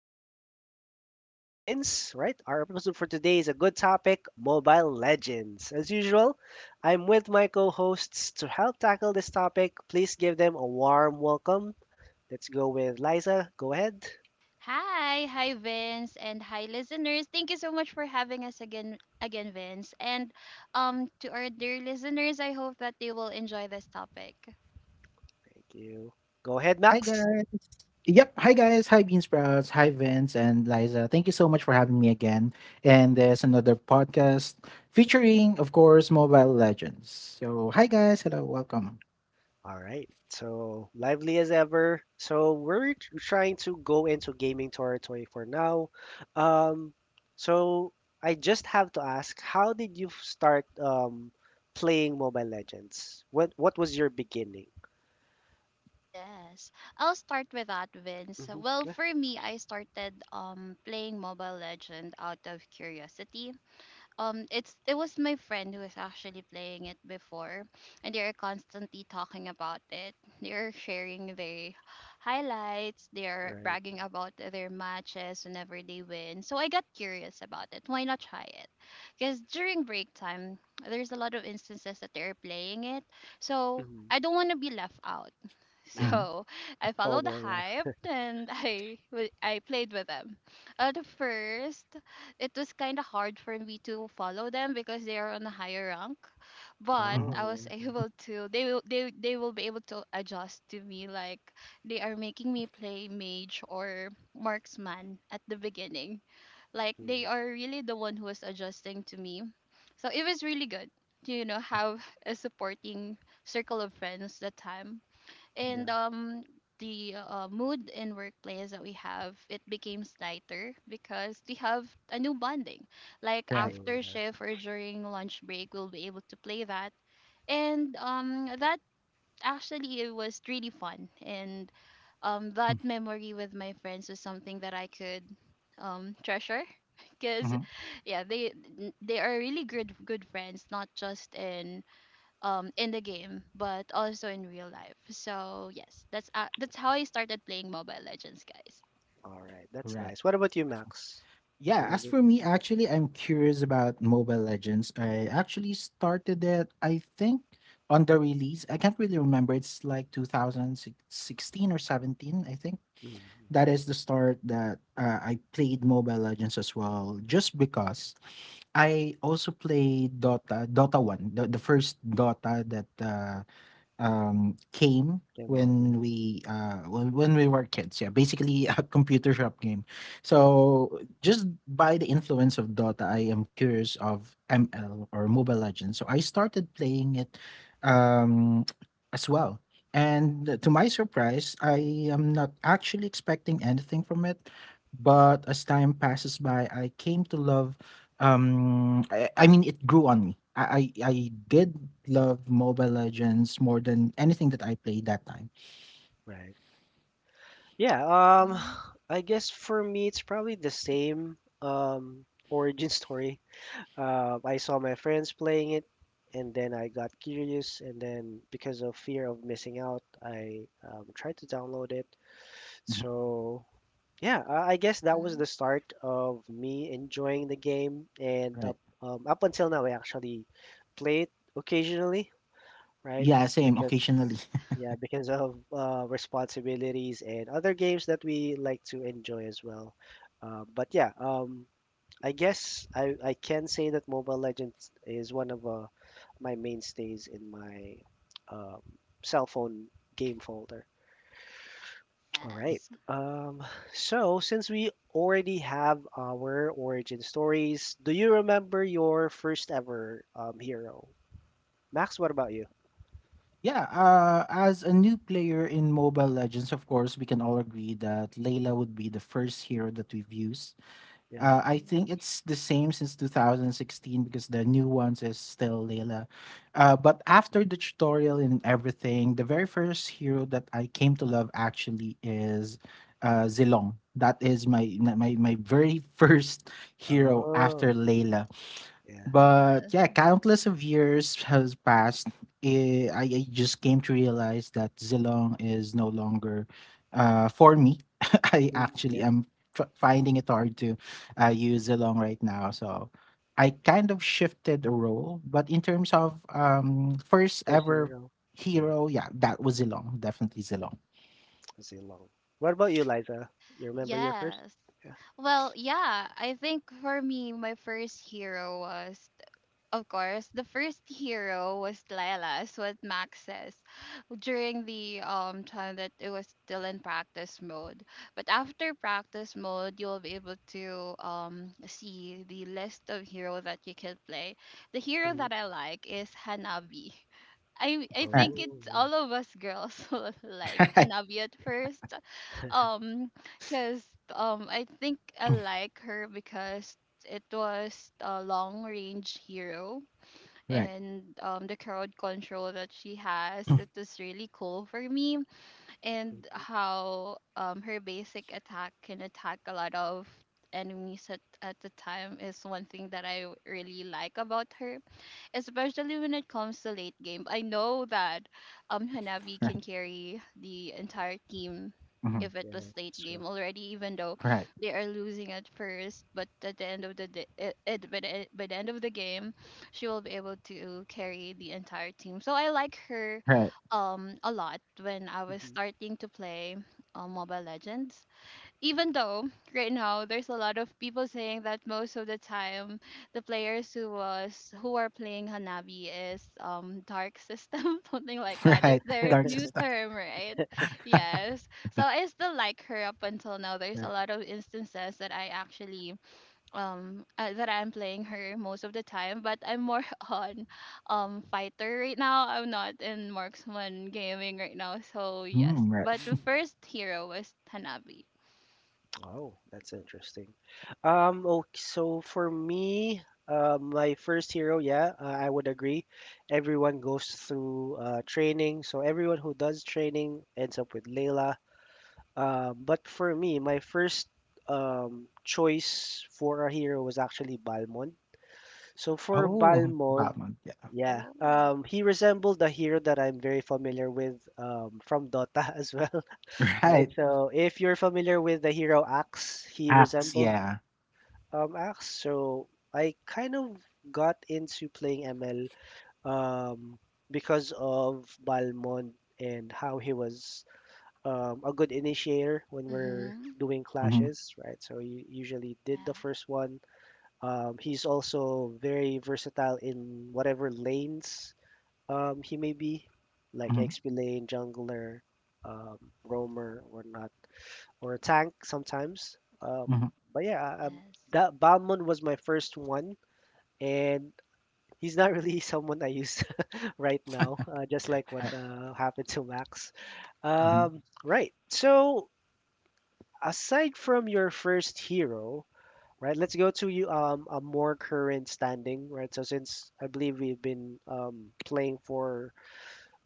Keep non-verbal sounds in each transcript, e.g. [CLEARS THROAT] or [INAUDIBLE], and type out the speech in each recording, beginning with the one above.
Again, this is your host, Vince, right? Our episode for today is a good topic Mobile Legends. As usual, I'm with my co hosts to help tackle this topic. Please give them a warm welcome. Let's go with Liza. Go ahead. Hi, hi Vince and hi listeners. Thank you so much for having us again Vince. And to our dear listeners, I hope that they will enjoy this topic. Thank you. Go ahead, Hi Max. guys. Yep. Hi guys. Hi Bean Sprouts. Hi Vince and Liza. Thank you so much for having me again. And there's another podcast featuring, of course, Mobile Legends. So hi guys. Hello. Welcome. All right. So lively as ever. So we're trying to go into gaming territory for now. Um, so I just have to ask, how did you start playing Mobile Legends? What was your beginning? Yes. I'll start with that Vince. Hmm. Well, Yeah, for me, I started playing Mobile Legend out of curiosity. It's it was my friend who was actually playing it before, and they are constantly talking about it. They are sharing their highlights. They are bragging right. about their matches whenever they win, so I got curious about it. Why not try it? Because during break time there's a lot of instances that they're playing it, so Hmm. I don't want to be left out. [LAUGHS] Yeah. Hmm. So I followed the FOMO. Yeah. hype, and [LAUGHS] I played with them. At first, it was kind of hard for me to follow them because they are on a higher rank, but Hmm. Oh I was yeah. [LAUGHS] able to. They will be able to adjust to me. Like, they are making me play mage or marksman at the beginning. Like, they Mm. are really the one who was adjusting to me. So it was really good. You know, have [LAUGHS] a supporting circle of friends that time, and Yeah. The mood in workplace that we have, it became tighter because we have a new bonding, like Right. [CLEARS THROAT] True. after Yeah. shift or during lunch break we'll be able to play that. And that, actually, it was really fun. And that memory with my friends was something that I could treasure [LAUGHS] because, Mm-hmm. yeah, they are really good friends, not just in the game, but also in real life. So yes, that's how I started playing Mobile Legends, guys. All right. That's Right. nice. What about you, Max? Yeah. As Remember? for me, actually, I'm curious about Mobile Legends. I actually started it. I think on the release. I can't really remember. It's like 2016 or 17. I think. Mm-hmm. That is the start that I played Mobile Legends as well, just because I also played Dota, Dota 1, the first Dota that came Came out. Yeah. when we when we were kids, yeah, basically a [LAUGHS] computer shop game. So just by the influence of Dota, I am curious of ML or Mobile Legends, so I started playing it, um as well. And to my surprise, I am not actually expecting anything from it, but as time passes by, I came to love, I mean, it grew on me. I Mm. did love Mobile Legends more than anything that I played that time. Right. Yeah, um Mm-hmm. I guess for me it's probably the same origin [LAUGHS] story. I saw my friends playing it and then I got curious and then because of fear of missing out, I tried to download it. Mhm. So yeah, I guess that was the start of me enjoying the game and Right. up until now I actually play it occasionally, right? Yeah, same Because occasionally. Yes. [LAUGHS] [LAUGHS] yeah, because of responsibilities and other games that we like to enjoy as well. But yeah, I guess I can say that Mobile Legends is one of my mainstays in my um, cell phone game folder. All right. Yes. Um, so since we already have our origin stories, do you remember your first ever hero? Max, what about you? Yeah, as a new player in Mobile Legends, of course, we can all agree that Layla would be the first hero that we've used. Yeah. I think Yes. it's the same since 2016 because the new ones is still Layla. But after the tutorial and everything, the very first hero that I came to love actually is Zilong. That is my very [LAUGHS] first hero after Oh, okay. Layla. Yeah. But yeah, Yes. countless of years has passed. I just came to realize that Zilong is no longer for me. [LAUGHS] I actually Mm. am finding it hard to use Zilong right now. So I kind of shifted the role. But in terms of first First ever zero. Yeah, hero, yeah, that was Zilong. Definitely Zilong. Zilong. What about you, Liza? You remember your first? Yes. Yeah. Well, yeah, I think for me my first hero was, of course, the first hero was Lila, as what Max says, during the time that it was still in practice mode. But after practice mode, you'll be able to see the list of hero that you can play. The hero that Hmm. I like is Hanabi. I Right. think Oh, it's yeah. all of us girls [LAUGHS] will [LAUGHS] like Right. Hanabi at first. Um, cause I think I like her because it was a long range hero, Right. and the crowd control that she has. It [COUGHS] was really cool for me, and Hmm. how her basic attack can attack a lot of enemies at the time is one thing that I really like about her, especially when it comes to late game. I know that Hanabi Right. can carry the entire team Mhm. if it Yeah, was late that's true. game already, even though Right. they are losing at first. But at the end of the day, by the end of the game, she will be able to carry the entire team. So I like her Right. A lot when I was Hmm. starting to play Mobile Legends. Even though right now there's a lot of people saying that most of the time the players who are playing Hanabi is dark system [LAUGHS] something like [LAUGHS] that. Yeah. It's Right. their Dark new sister. term, right? [LAUGHS] Right. Yes. So I still like her up until now. There's a lot of instances that I actually that I'm playing her most of the time, but I'm more [LAUGHS] on fighter right now. I'm not in marksman gaming right now, so yes. Mm, right. But the Hmm. first hero was Tanabe. Oh, that's interesting. Okay, so for me, my first hero, yeah, I would agree. Everyone goes through training, so everyone who does training ends up with Layla. But for me, my first choice for a hero was actually Balmond. So for Oh, Balmond, Batman, yeah. yeah, Oh. He resembled the hero that I'm very familiar with from Dota [LAUGHS] as well, [LAUGHS] right? Right, So if you're familiar with the hero Axe, he axe, resembled yeah. Axe. So I kind of got into playing ML um, because of Balmond and how he was a good initiator when we're Mhm. doing Mhm. clashes, right? So you usually did the Yeah. first one. He's also very versatile in whatever lanes he may be, like Mhm. XP lane, jungler, um, roamer, or not, or a tank sometimes. Um, Mhm. but yeah, Yes. that Balmond was my first one, and he's not really [LAUGHS] someone I use [LAUGHS] right now, just like Yeah. what [LAUGHS] Right. Happened to Max. Mhm. Right. So aside from your first hero, right, let's go to you a more current standing, right? So since I believe we've been playing for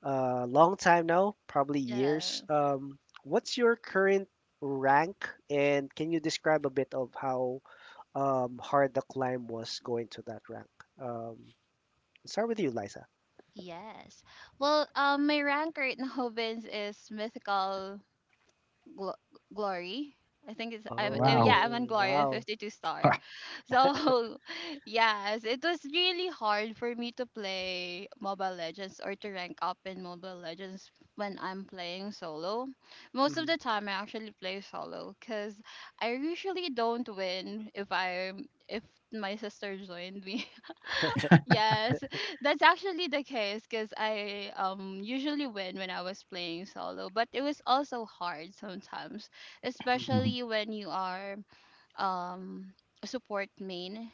a long time now, probably years. Yes. What's your current rank, and can you describe a bit of how hard the climb was going to that rank? Um, start with you, Liza. Yes. Well, my rank right now, [LAUGHS] Vince, is mythical Glo- Glory. I think it's I'm oh, yeah, Wow. I'm on Oh, Glory on wow. 52 [LAUGHS] star, Right. so [LAUGHS] yes, it was really hard for me to play Mobile Legends or to rank up in Mobile Legends when I'm playing solo. Most of Mm, the time I actually play solo because I usually don't win if my sister joined me. Yes, [LAUGHS] that's actually the case because I usually win when I was playing solo, but it was also hard sometimes, mm, Mhm. especially when you are um, support main.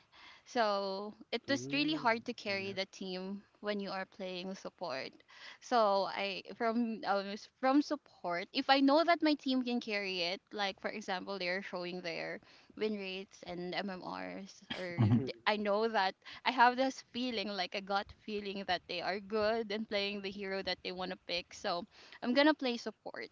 So it was really mm, hard to carry yeah. the team when you are playing support. So I from from support, if I know that my team can carry it, like for example, they're showing their win rates and MMRs, or Mhm. Mm. I know that I have this feeling, like a gut feeling, that they are good and playing the hero that they want to pick. So I'm gonna play support.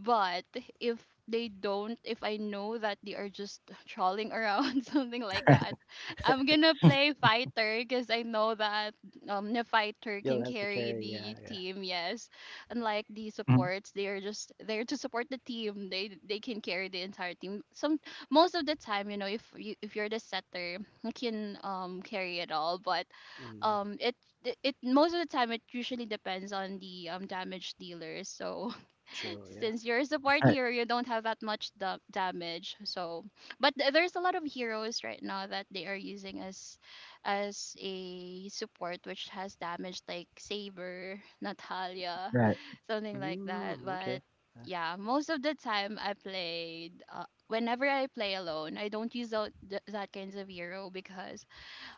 But if they don't, if I know that they are just trolling around, [LAUGHS] something like Right. that, I'm gonna play [LAUGHS] fighter because I know that the fighter You'll can have to carry carry, yeah, the yeah. team. Yes, unlike the Mhm. supports, they are just there to support the team. They can carry the entire team. Some most of the time, you know, if you're the setter, you can carry it all. But Mm, um it it most of the time, it usually depends on the damage dealer. So true, yeah. since you're a support Right. hero, you don't have that much damage. So, but there's a lot of heroes right now that they are using as a support, which has damage like Saber, Natalia, Right. something like that. Mm, okay. But yeah, most of the time I played. Whenever I play alone, I don't use that kinds of hero because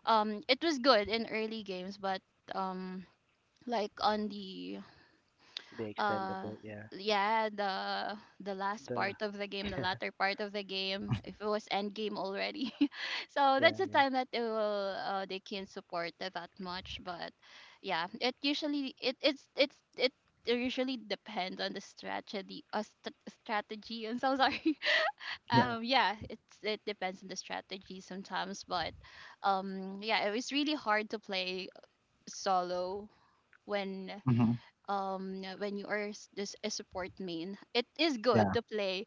it was good in early games, but um like on the They extend a uh bit, yeah. yeah the the last part The of the game, the [LAUGHS] latter part of the game, if it was end game already. [LAUGHS] So yeah, that's the time that they will they can't support it that much. But yeah, it usually it it's it usually depends on the strategy strategy, I'm so sorry. [LAUGHS] Yeah. yeah, Um, yeah, it depends on the strategy sometimes. But yeah, it was really hard to play solo when Mhm. When you are this a support main. It is good Yeah. to play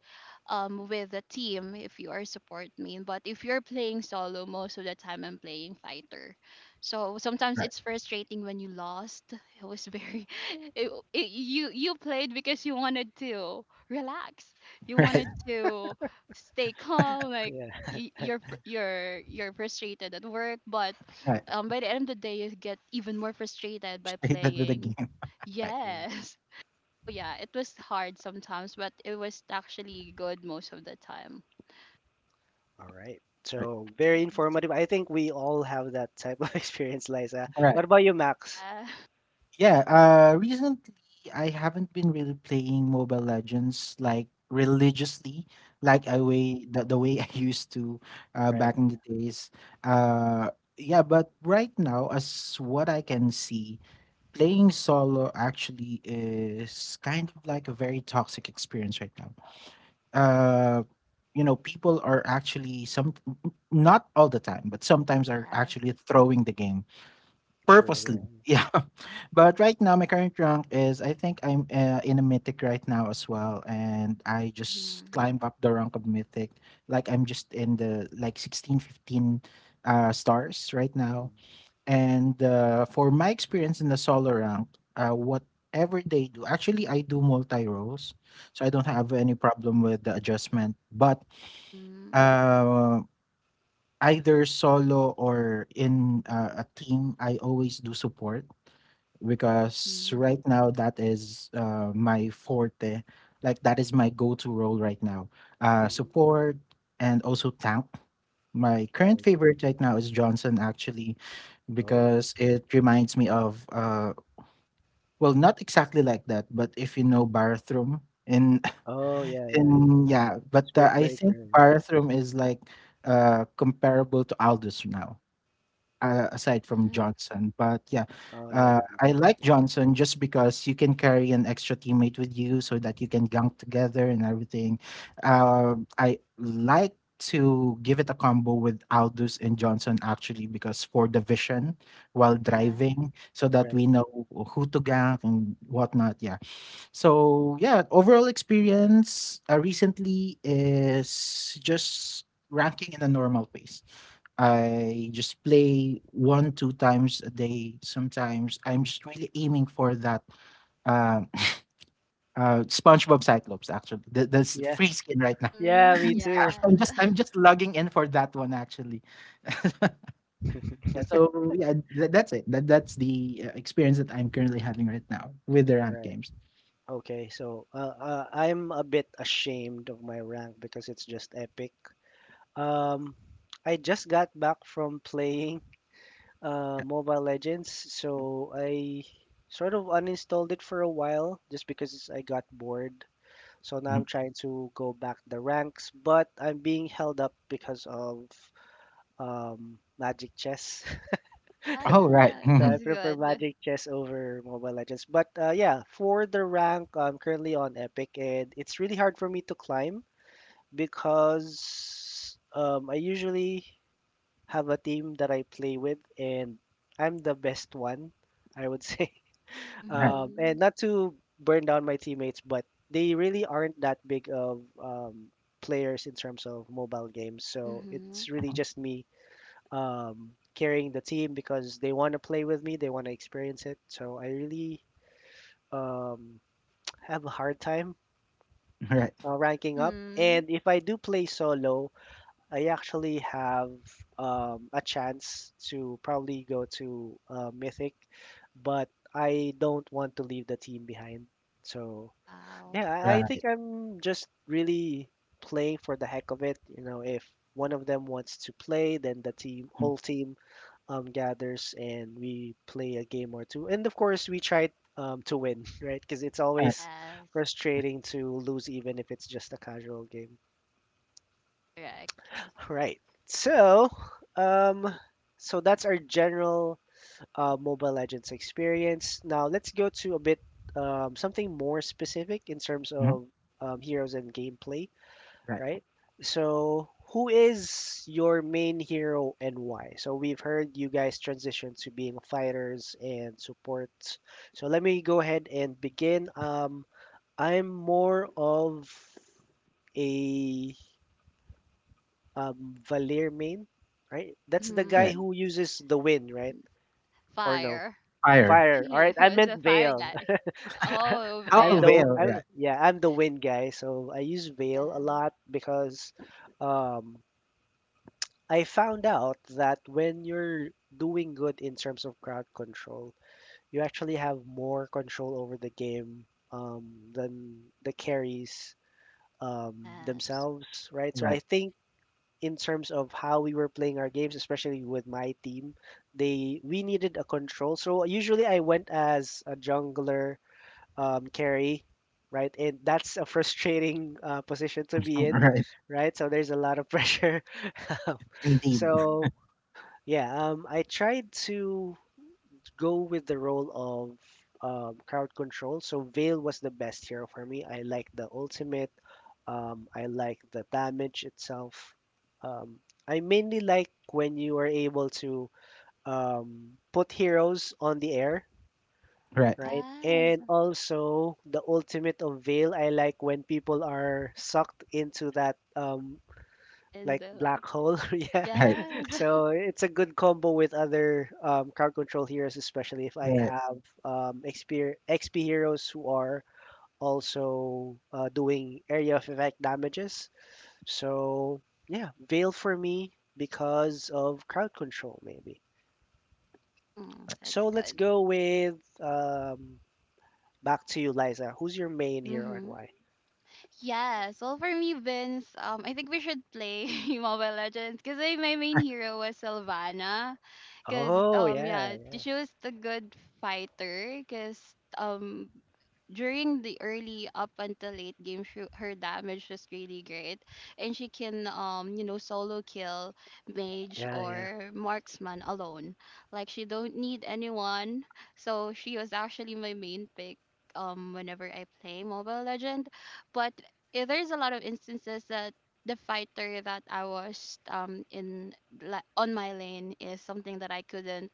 with a team if you are support main, but if you're playing solo most of the time, I'm playing fighter. So sometimes Right. it's frustrating when you lost. It was very [LAUGHS] you you played because you wanted to relax, you [LAUGHS] [LAUGHS] yeah, Right. wanted to stay calm, like yeah, you're you're frustrated at work, but Right. By the end of the day you get even more frustrated by Straight into the playing. game. Right. yeah. Yes. [LAUGHS] So yeah, it was hard sometimes, but it was actually good most of the time. All right. Right. So very Yes. informative. I think we all have that type of [LAUGHS] experience, Liza. All right. What about you, Max? Yeah. [LAUGHS] Yeah, recently I haven't been really playing Mobile Legends like religiously, like I Mm, way the way [LAUGHS] I used to, right. back in the days. Uh, yeah, but right now, as what I can see, playing solo actually is kind of like a very toxic experience right now. Mm, Uh, People are actually not all the time, but sometimes are Yes. actually throwing the game true. Yeah. purposely. [LAUGHS] Yeah, but right now my current rank is I think I'm in a mythic right now as well, and I just Mhm. climbed up the rank of mythic. Like I'm just in the like 16, 15 stars right Mm, now, and for my experience in the solo rank, whatever they do, actually, I do multi roles, so I don't have mm, any problem with the adjustment. But Mhm. uh, either solo or in a team, I always do support because Mhm. right now that is my forte. Like that is my go-to role right now. Mhm, Support and also tank. My current right. favorite right now is Johnson actually Oh. because it reminds me of well, not exactly like that, but if you know bathroom in Oh [LAUGHS] yeah, yeah, yeah. in, yeah, but Spirit I breaker. think Yeah. bathroom is like comparable to Aldous now, aside from Johnson. But yeah, Oh yeah, that makes I sense. like Yeah. Johnson just because you can carry an extra teammate with you so that you can gunk together and everything. Hmm. I like to give it a combo with Aldous and Johnson actually because for the vision while Yeah. Hmm. Yeah. driving so that Right. we know who to gank and whatnot. Yeah. So yeah, overall experience recently is just ranking in a normal pace. I just play 1, 2 times a day sometimes. I'm just really aiming for that, uh, [LAUGHS] SpongeBob Cyclops actually. That's Yeah. free skin right now. [LAUGHS] Yeah. Mhm. Yeah, Me too. I'm Yes. just I'm [LAUGHS] just logging in for that one actually. [LAUGHS] Yeah, so yeah, that's it. That's the experience that I'm currently having right now with the ranked Right. games. Okay. So I'm a bit ashamed of my rank because it's just epic. Um, I just got back from playing Mobile Legends, so I sort of uninstalled it for a while just because I got bored. So now Mhm. I'm trying to go back the ranks, but I'm being held up because of Magic Chess. [LAUGHS] Oh, right. [LAUGHS] Yeah. So I Mhm. It's prefer good. Magic Chess over Mobile Legends. But yeah, for the rank, I'm currently on Epic, and it's really hard for me to climb because I usually have a team that I play with, and I'm the best one, I would say. [LAUGHS] Right. And Mhm. not to burn down my teammates, but they really aren't that big of players in terms of mobile games. So Mhm. it's really Mhm. just me carrying the team because they want to play with me, they want to experience it. So I really um, [TSK] have a hard time Right. Ranking up. Mhm. And if I do play solo, I actually have a chance to probably go to Mythic, but I don't want to leave the team behind. So Wow. yeah, I Right. think I'm just really playing for the heck of it. You know, if one of them wants to play, then the team, Mhm. whole team, gathers and we play a game or two. And of course, we try to win, [LAUGHS] right? Because it's Right. always Yes. frustrating to lose, even if it's just a casual game. Correct. Yeah. Right. So, um, so that's our general Mobile Legends experience. Now let's go to a bit something more specific in terms Mhm. of heroes and gameplay, Right. right? So, who is your main hero and why? So we've heard you guys transition to being fighters and supports. So let me go ahead and begin. I'm more of a Valir Main, right? That's the guy Right. Mhm. who uses the wind, right? Or no? Fire. Fire. [LAUGHS] Fire. All He right, I was meant a fire Veil. guy. Oh, [LAUGHS] yeah. Oh, Veil. Yeah. I'm, yeah, I'm the wind guy, so I use Veil a Yeah. lot because um, I found out that when you're doing good in terms of crowd control, you actually have more control over the game um, than the carries Yes. themselves, right? So I Right. think in terms of how we were playing our games, especially with my team. They we needed a control, so usually I went as a jungler carry, right? And that's a frustrating [LAUGHS] position to be [LAUGHS] in, Right. right? So there's a lot of pressure. [LAUGHS] Indeed. Hmm. So yeah, I tried to go with the role of crowd control. So Veil was the best hero for me. I like the ultimate. I like the damage itself. Um, I mainly like when you are able to put heroes on the air, Right. right? Yes. And also the ultimate of Veil. I like when people are sucked into that When like they are like, black hole. [LAUGHS] Yeah. Right. yes. So it's a good combo with other crowd control heroes, especially if I Right. have XP, heroes who are also doing area of effect damages. So yeah, Veil for me because of crowd control maybe. [LAUGHS] Mm, that's So let's good. go with um, back to you, Liza. Who's your main hero and Hmm. why? Yes. Well, for me, Vince, I think we should play [LAUGHS] Mobile Legends because my main Right. hero was Sylvana. Because Oh yeah, yeah, she was the good fighter. Because um, during the early up until late game, she, her damage was really great, and she can you know, solo kill mage yeah, yeah. or marksman alone. Like, she don't need anyone. So she was actually my main pick. Whenever I play Mobile Legend, but yeah, there's a lot of instances that the fighter that I was in, like on my lane, is something that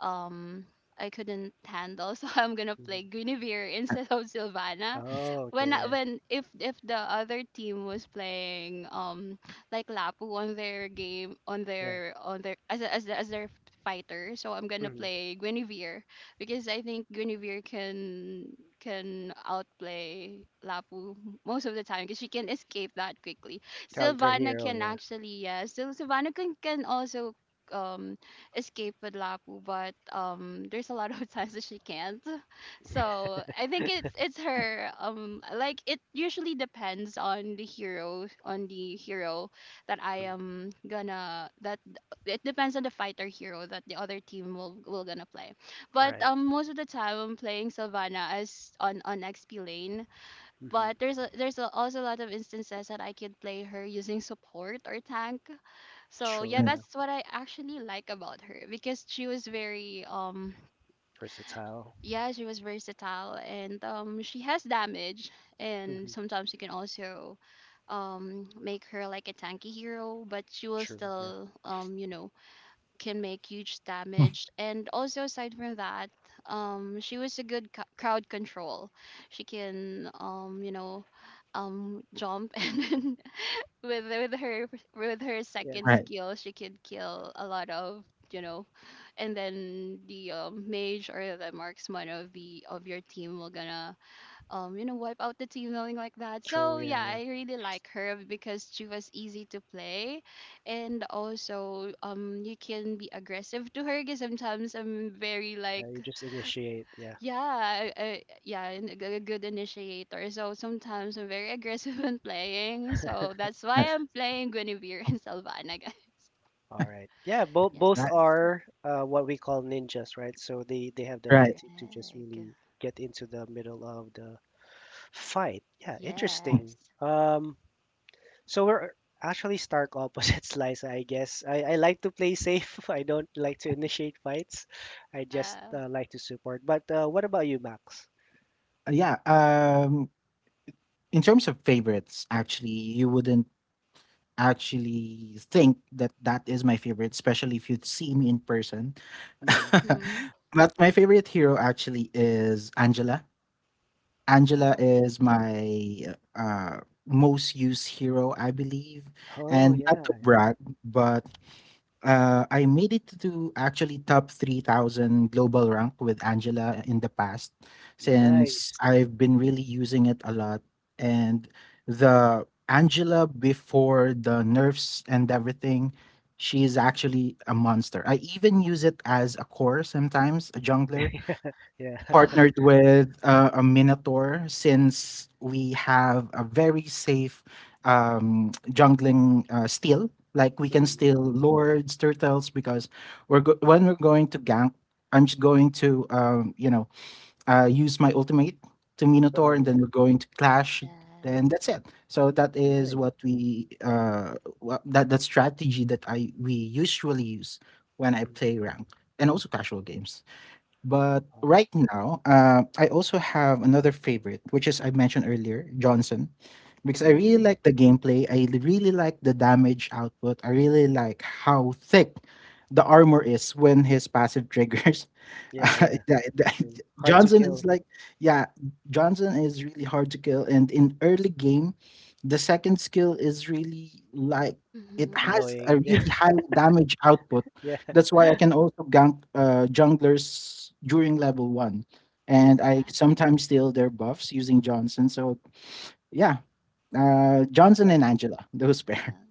um I couldn't handle. [LAUGHS] So I'm gonna play Hmm. Guinevere instead of Sylvana Oh okay, when if the other team was playing like Lapu on their game, on yeah, their, as as their fighter, so I'm yeah. gonna Hmm. play Guinevere because I think Guinevere can outplay Lapu most of the time because she can escape that quickly. Counter Sylvana hero, can yeah. actually, yeah, so Sylvana can also um escape with Lapu, but there's a lot of [LAUGHS] times that she can't. [LAUGHS] So I think it's her um, like, it usually depends on the hero, that I Mm. am gonna, that it depends on the fighter hero that the other team will gonna play. But Right. Most of the time I'm playing Sylvana as on XP lane. Hmm. But also a lot of instances that I can play her using support or tank. So True, yeah, yeah. that's what I actually like about her, because she was very um, Versatile. yeah, she was versatile, and she has damage, and Hmm. sometimes you can also make her like a tanky hero, but she will True, yeah, still um, you know, can make huge Mm, damage. And also, aside from that, she was a good crowd control. She can, jump [LAUGHS] and then with with her with her yeah. second right. skill, she could kill a lot of. you know, and then the mage or the marksman of the of your team will gonna wipe out the team, knowing like that. True, So yeah, yeah, yeah. I really like her because she was easy to play, and also you can be aggressive to her. Because sometimes I'm very Yeah, you like, just initiate, yeah. yeah, yeah, and a good initiator. So sometimes I'm very aggressive [LAUGHS] when playing. So that's Right. why I'm playing Guinevere and Sylvana, [LAUGHS] guys. All right. Yeah, both Right. Yes, are what we call ninjas, right? So they have the Right. ability to just correct. really get into the middle of the fight. Yeah, Mm, Yes. interesting. So we're actually stark opposites, [LAUGHS] Liza, I guess. I like to play safe. [LAUGHS] I don't like to initiate fights. I just Yeah. Like to support. But what about you, Max? yeah, in terms of favorites, actually, you wouldn't actually think that that is my favorite, especially if you see me in person. Mhm. [LAUGHS] Mhm. But my favorite hero actually is Angela. Angela Oh, is my most used hero, I believe. Oh And not to yeah, brag, but I made it to actually top 3,000 global rank with Angela in the past since nice. I've been really using it a lot. And the Angela before the nerfs and everything, she is actually a monster. I even use it as a core sometimes, a jungler Yeah. wow. [LAUGHS] [LAUGHS] partnered with a minotaur since we have a very safe [TSK] jungling steal. Like we can Mhm, steal yeah. lords, turtles because when we're going to gank, I'm just going to use my ultimate to minotaur, Oh and then yeah, we're going to clash. Then Yes. that's it. So that is nice. what we, that strategy that I we usually use when I Mhm. play rank and also casual games. But Oh. right now, I also have another favorite, which is I mentioned earlier, Johnson, because I Mhm. really Mhm. like the gameplay. Really like the damage output. I really like how thick the armor is when his passive triggers. [LAUGHS] Yeah, Uh, yeah. that- It's that- true. Hard to Johnson is kill. like, yeah, Johnson is really hard to kill. And in early game, the second skill is really like, it Mhm. has a Annoying. [LAUGHS] Yeah. really high damage output, Yeah. that's why I can also gank junglers during level one, and Mm. Yeah, I sometimes steal their buffs using Johnson. So yeah, Johnson Right. and Angela, those pair. yeah.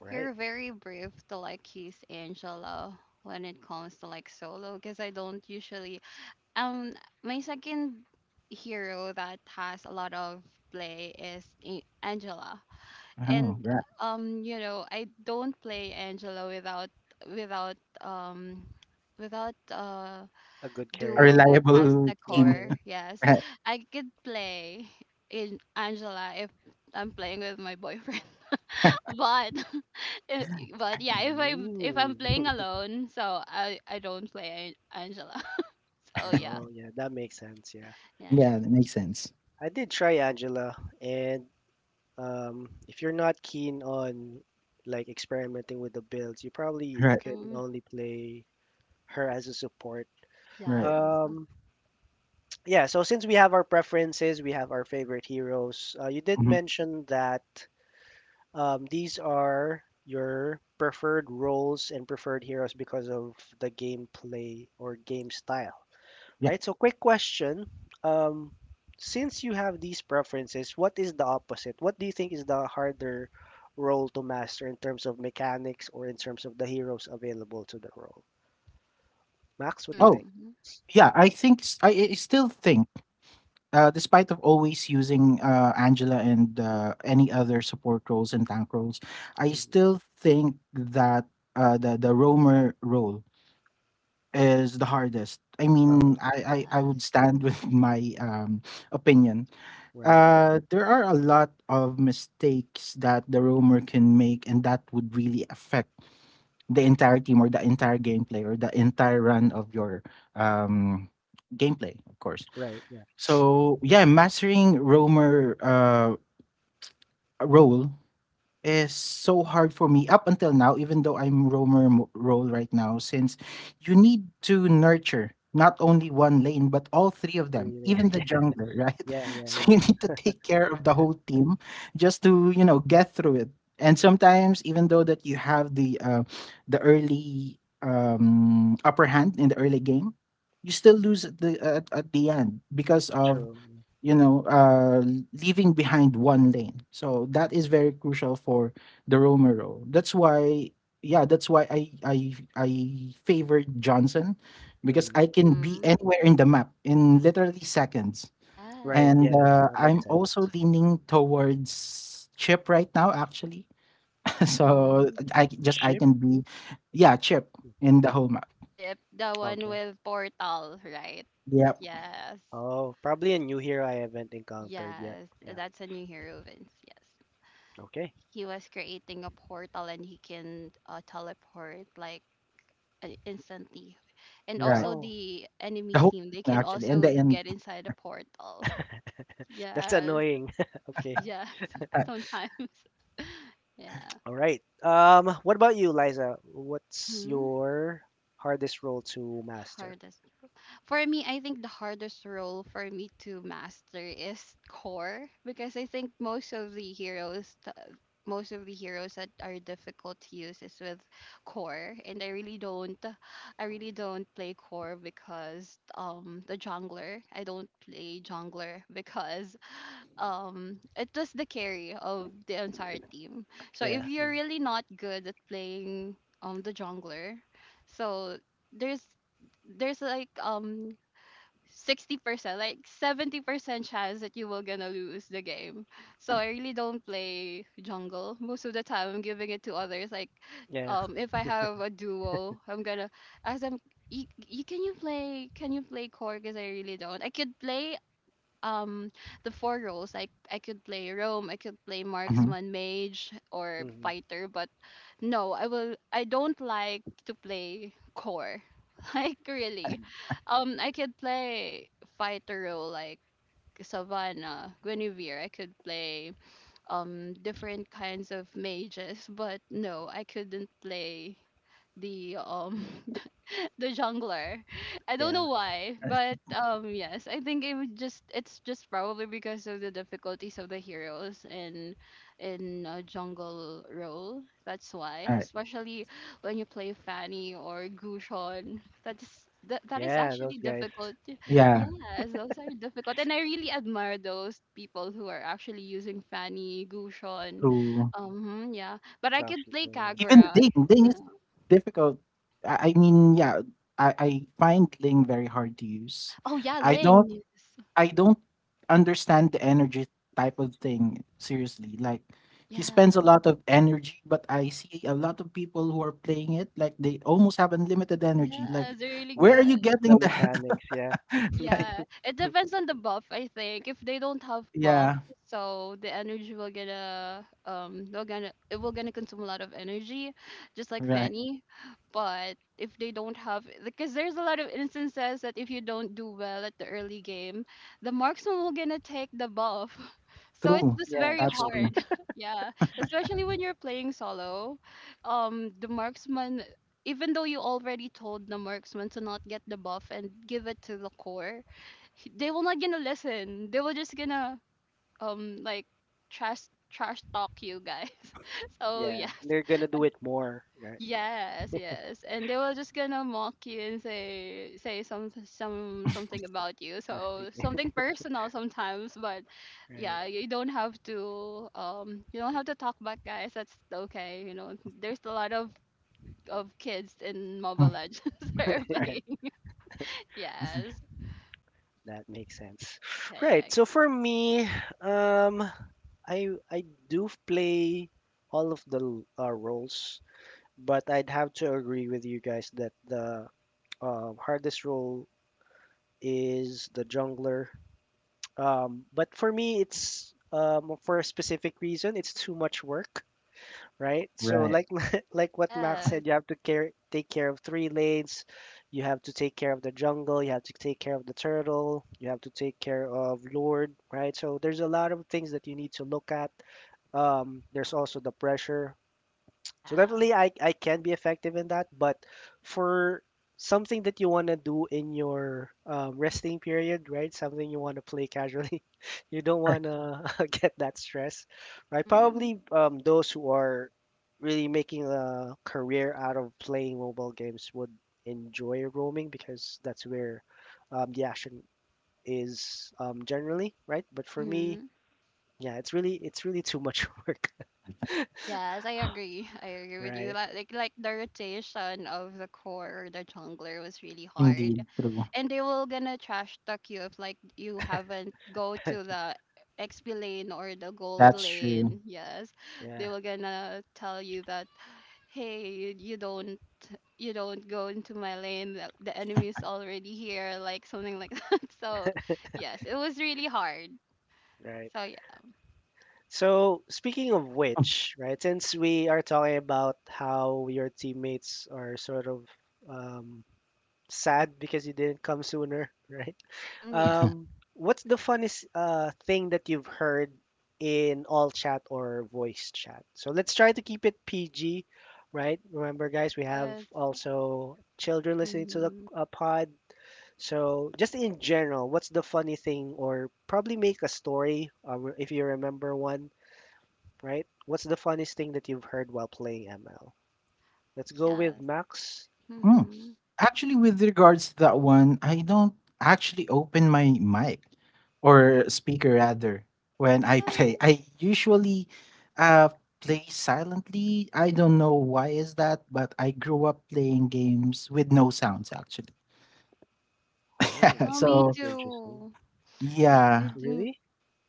Right. You're very brave to like use Angela when it comes to like solo because I don't usually, um my second hero that has a lot of play is Angela. [LAUGHS] Oh, And right. You know, I don't play Angela without um without A good A carry. duo that has reliable the Yeah. team. Yeah. core. [LAUGHS] Yes, Right. I could play in Angela if I'm playing with my boyfriend. [LAUGHS] [LAUGHS] But [LAUGHS] but yeah, if Mm. I'm playing [LAUGHS] alone, so I don't play Angela. [LAUGHS] So yeah, Oh, yeah. That makes sense. Yeah. yeah. Yeah, that makes sense. I did try Angela, and if you're not keen on like experimenting with the builds, you probably Right. can Mm-hmm. only play her as a support. Right. Yes. Um, [TSK] yeah. So since we have our preferences, we have our favorite heroes. You did Mhm. mention that. These are your preferred roles and preferred heroes because of the gameplay or game style, Yeah. right? So, quick question. Um, since you have these preferences, what is the opposite? What do you think is the harder role to master in terms of mechanics or in terms of the heroes available to the role? Max, what do you Oh, think? Mm-hmm. yeah. I think I still think, despite of always using Angela and any other support roles and tank roles, I Mhm. still think that the roamer role is the hardest. I mean, Uh-huh. I would Yes. stand with [LAUGHS] my opinion. Right. There are a lot of mistakes that the roamer can make, and that would really affect the entire team or the entire gameplay or the entire run of your um, gameplay, of course. Right. Yeah. So yeah, mastering roamer role is so hard for me up until now, even though I'm roamer role right now, since you need to nurture not only one lane but all three of them, Really. even [LAUGHS] the Yeah. jungler, right? Yeah. [LAUGHS] Yeah. So Yeah. you need to take care of the whole team just to, get through it. And sometimes, even though that you have the early upper hand in the early game, you still lose at the end because of, True. you know, uh, leaving behind one lane. So that is very crucial for the Romero. That's why, yeah, that's why I favor Johnson because Mm-hmm. I can be Mm-hmm. anywhere in the map in literally seconds. Right. Yes. And Yeah. That makes I'm also sense. leaning towards Chip right now, actually. [LAUGHS] So Mm-hmm. I c- just I Ship. can be, yeah, Chip in the whole map. Chip, the one Okay. with portal, right? Yep. Yes. Oh, probably a new hero I haven't encountered yet. Yes. Yeah. That's a new hero, Vince. Yes. Okay. He was creating a portal and he can, teleport like, instantly, and Right. also Wow. the enemy The whole team they map, can actually, and the also end. get inside the portal. [LAUGHS] That's Yes. annoying. [LAUGHS] Okay. Yes. [LAUGHS] Sometimes. [LAUGHS] Yeah. All right. What about you, Liza? What's Mm-hmm. your hardest role to master? For me, I think the hardest role for me to master is core because I think most of the heroes most of the heroes that are difficult to use is with core, and I really don't, I really don't play core because the jungler, I don't play jungler [LAUGHS] because it was the carry of the entire team. So if Yeah. you're Mm. really not good at playing the jungler, so there's there's like 60%, like 70% chance that you will gonna lose the game. So I really don't [LAUGHS] play jungle most of the time. I'm giving it to others. Like, Yeah. If I have a duo, I'm gonna ask them. Can you play? Can you play core? Because I really don't. I could play um the four roles. Like I could play Rome, I could play Mhm. marksman, mage, or Hmm. fighter. But no, I will. I don't like to play core. [LAUGHS] Like Eh, really, I could play fighter role like Savannah, Guinevere. I could play different kinds of mages, but no, I couldn't play the [LAUGHS] the jungler. I don't Yeah. know why, but yes, I think it would just, it's just probably because of the difficulties of the heroes in a jungle role. That's why, alright. especially when you play Fanny or Gushon, that is Yeah, actually those guys. difficult. Yeah. Yeah, Yes, those are difficult, and I really admire those people who are actually using Fanny, Gushon. true. Yeah, but I could Instructions. play Yeah. Even Kagura. Ling is No. difficult. I mean, yeah, I find Ling very hard to use. Oh yeah, I don't Ling. Yes. I don't understand the energy type of thing, seriously. Like he spends a Yeah. lot of energy, but I see a lot of people who are playing it like they almost have unlimited energy. Like Yeah, they're really where Yeah. are good. you The getting that? mechanics, yeah. [LAUGHS] Yeah, it depends on the buff, I think. If they don't have buff, Yeah, so the energy will gonna, they're gonna it will gonna consume a lot of energy, just like right. Fanny. But if they don't have, because there's a lot of instances that if you don't do well at the early game, the marksman will gonna take the buff. [LAUGHS] So it's True. just Yeah, very That's true. hard. true. [LAUGHS] Yeah, especially when you're playing solo. The marksman, even though you already told the marksman to not get the buff and give it to the core, they will not gonna listen. They will just gonna, um like trash talk you guys. [LAUGHS] So Yeah. yes, They're gonna do it more, right? yes, yes, and they were just gonna mock you and say, something about you. Nasty So thing. something personal sometimes, but [LAUGHS] Right. yeah, you don't have to, you don't have to talk back, guys. That's okay. You know, there's a lot of kids in Mobile Legends [LAUGHS] are [LAUGHS] Yeah. [LAUGHS] playing. Yes, That makes sense. Right. kayak. So for me, um I do play all of the roles, but I'd have to agree with you guys that the hardest role is the jungler. But for me, it's for a specific reason. It's too much work, right? So Right. like [LAUGHS] like what Max Yes, said, you have to care take care of three lanes. You have to take care of the jungle. You have to take care of the turtle. You have to take care of Lord, right? So there's a lot of things that you need to look at, there's also the pressure. So yeah. definitely, I can be effective in that. But for something that you want to do in your resting period, right? Something you want to play casually. [LAUGHS] You don't Right. want to [LAUGHS] get that stress, right? Mhm. Probably those who are really making a career out of playing mobile games would enjoy roaming because that's where the action is generally, right? But for me, Mhm. yeah, it's really too much [LAUGHS] work, Yes, I agree. I agree with you. right? Like the rotation of the core or the jungler was really [LAUGHS] hard. Indeed, true. And they will gonna trash talk you if like you haven't go to the XP lane or the gold That's true. lane. Yes. They Yeah, will gonna tell you that hey, you don't, you don't go into my lane. The enemy is already here, like something like [LAUGHS] that. So, yes, it was really hard. right. So, yeah. So speaking of which, right, since we are talking about how your teammates are sort of um, sad because you didn't come sooner, [LAUGHS] right? Hmm, yeah. [LAUGHS] What's the funniest thing that you've heard in all chat or voice chat? So let's try to keep it PG, right? Remember, guys, we have Yes. also children listening to the Hmm. Pod. So, just in general, what's the funny thing, or probably make a story, if you remember one, right? What's the funniest thing that you've heard while playing ML? Let's go with Yes. Max. Mm. Mhm. Actually, with regards to that one, I don't actually open my mic or Mm. speaker rather when I Yeah. play. I usually uh play silently. I don't know why is that, but I grew up playing games with no sounds actually. [LAUGHS] Oh, Yeah. Yeah, okay. me So, That's interesting. too. Yeah, I yeah, do- Really?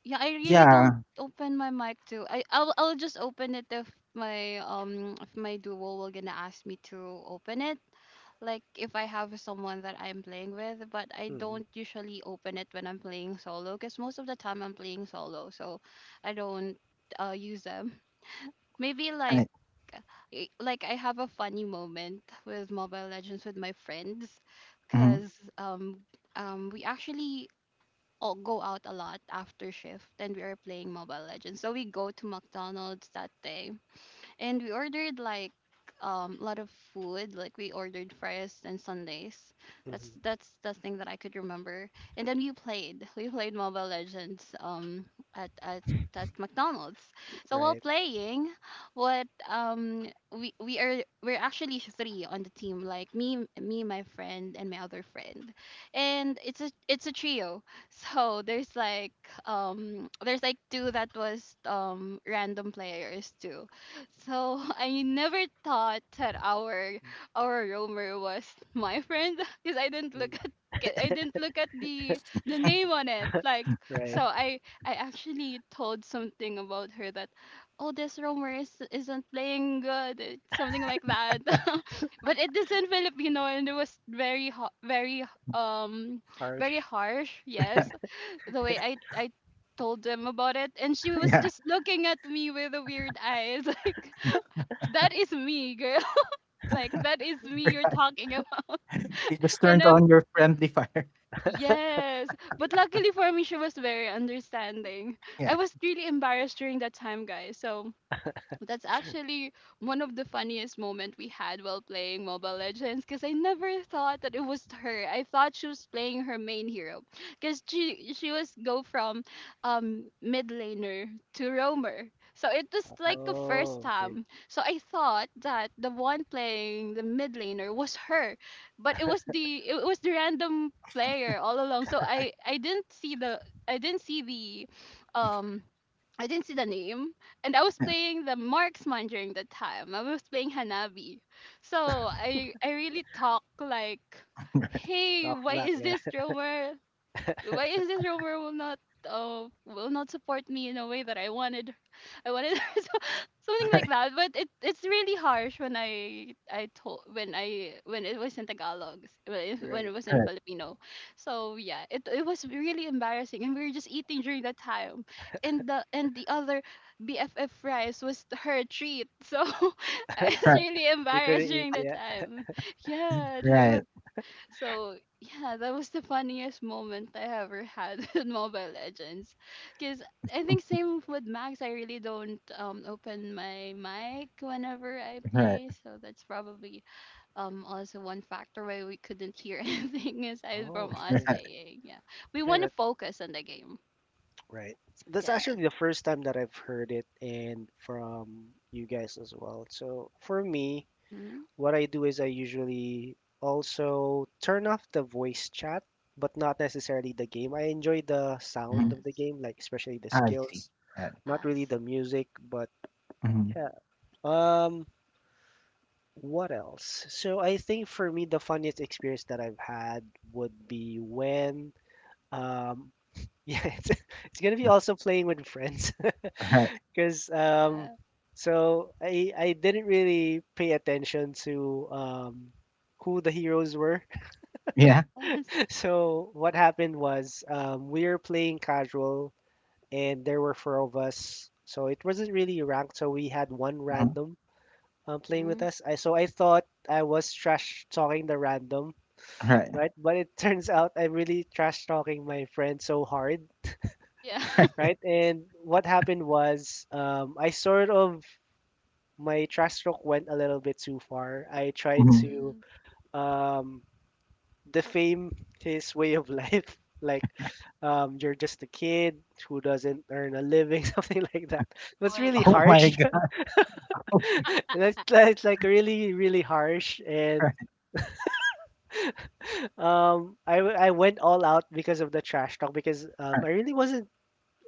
yeah, I really don't yeah, open my mic too. I'll just open it if my, if my duo will gonna ask me to open it. Like if I have someone that I'm playing with, but I Mm, don't usually open it when I'm playing solo, because most of the time I'm playing solo, so I don't, use them. Maybe like, I, like I have a funny moment with Mobile Legends with my friends mhm, mm, because we actually all go out a lot after shift and we are playing Mobile Legends. So we go to McDonald's that day and we ordered like, a lot of food, like we ordered fries and sundays. that's mhm. that's the thing that I could remember, and then we played Mobile Legends, at at at McDonald's. So while Right. playing, what we are we're actually three on the team, like me, my friend and my other friend, and it's a trio. [LAUGHS] So there's like, there's like two that was, random players too. So [LAUGHS] I never thought that our roamer was my friend, [LAUGHS] because I didn't look Mm. at, ca- I didn't look at the the name on it. Like, so Right. I actually told something about her that, oh, this roamer is isn't playing good eh, something like that. [LAUGHS] But it isn't Filipino and it was very, um very Harsh. harsh. Yes, the way I told them about it, and she was yeah. just looking at me with the weird eyes [LAUGHS] like that is me, girl. [LAUGHS] Like that is me you're [LAUGHS] talking [LAUGHS] about. You just And turned I'm on your friendly fire. [LAUGHS] yes. But luckily for me she was very understanding. I Yeah, was really embarrassed during that time, guys. So that's actually one of the funniest moment we had while playing Mobile Legends, because I never thought that it was her. I thought she was playing her main hero because she was go from mid laner to roamer. So it was like the first Oh, okay. time. So I thought that the one playing the mid laner was her, but it was the random player all along. So I didn't see the I didn't see the I didn't see the name, and I was yeah. playing the marksman during that time. I was playing Hanabi, so I really talk like, [LAUGHS] hey, Talks why back. is this Yeah. drummer? Why is this rover will not, will not support me in a way that I wanted [LAUGHS] I wanted. [LAUGHS] So, something like Right. that, but it, it's really harsh when I told when I when it was in Tagalog, when [LAUGHS] it, when it Right. was in Right. Filipino. So yeah, it was really embarrassing, and we were just eating during that time, and the other BFF fries was her treat. So [LAUGHS] I was Right. really They couldn't embarrassed eat. during that Yeah. time, yeah. Right. So [LAUGHS] yeah, that was the funniest moment I ever had [LAUGHS] in Mobile Legends. Cause I think same with Max, I really don't, open my mic whenever I Right. play. So that's probably, also one factor why we couldn't hear [LAUGHS] anything aside from Oh, us okay. Right. playing. Yeah. We Yeah, wanna that, focus on the game. right. That's Yes. actually the first time that I've heard it and from you guys as well. So for me, Mm-hmm. what I do is I usually also turn off the voice chat, but not necessarily the game. I enjoy the Mhm. sound of the Yes. game, like especially the I see. skills, Right. not really Yes. the music, but Mhm. yeah. Um, what else? So I think for me, the funniest experience that I've had would be when um [LAUGHS] yeah, it's gonna be also playing with friends. Right. because um, Yeah. so I didn't really pay attention to who the heroes were. Yeah. Yes. [LAUGHS] So what happened was, we were playing casual, and there were four of us. So it wasn't really ranked. So we had one Mhm. random playing with Mm-hmm. us. I so I thought I was trash talking the random. Right. Right, but it [LAUGHS] turns out I'm really trash talking my friend so hard, Yeah. [LAUGHS] Right. right? And what happened was, I sort of my trash stroke went a little bit too far. I tried Mhm. to Mm-hmm. um, defame his [LAUGHS] way of life, [LAUGHS] like you're just a kid who doesn't earn a living, [LAUGHS] something like that. It Oh was my really god. Oh my harsh. [LAUGHS] god. [LAUGHS] That's [LAUGHS] like really, really harsh. And Right. I went all out because of the trash talk because Right. I really wasn't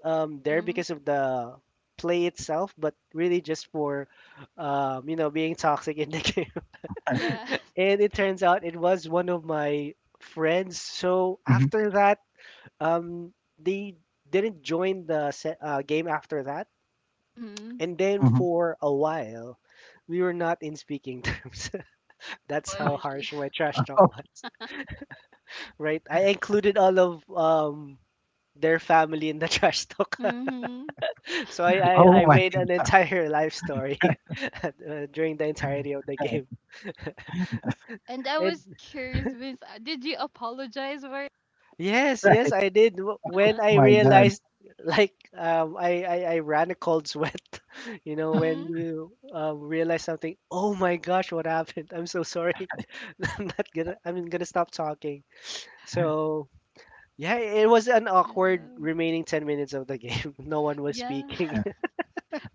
there Mm-hmm. because of the play itself, but really just for you know, being toxic in the [LAUGHS] game. Right. Yes. And it turns out it was one of my friends. So Mhm. after that, they didn't join the game after that, Mhm. and then Mhm. for a while, we were not in speaking [LAUGHS] terms. That's how OMG. harsh my trash talk Oh was. Right? I included all of their family in the [LAUGHS] trash talk, Mhm. so oh, I my made an [LAUGHS] entire life story god. [LAUGHS] During the entirety of the game. And I And was curious, Vince, did you apologize for it? yes, yes, Right. I did. W- Oh When I [LAUGHS] my god. realized, like, I ran a cold sweat. [LAUGHS] You know, [LAUGHS] when Mhm. you realize something, oh my gosh, what happened? I'm so sorry. [LAUGHS] I'm not gonna, I'm gonna stop talking. So, yeah, it was an awkward Yeah. remaining 10 minutes of the game. [LAUGHS] No one was Yeah. speaking. [LAUGHS] Yeah.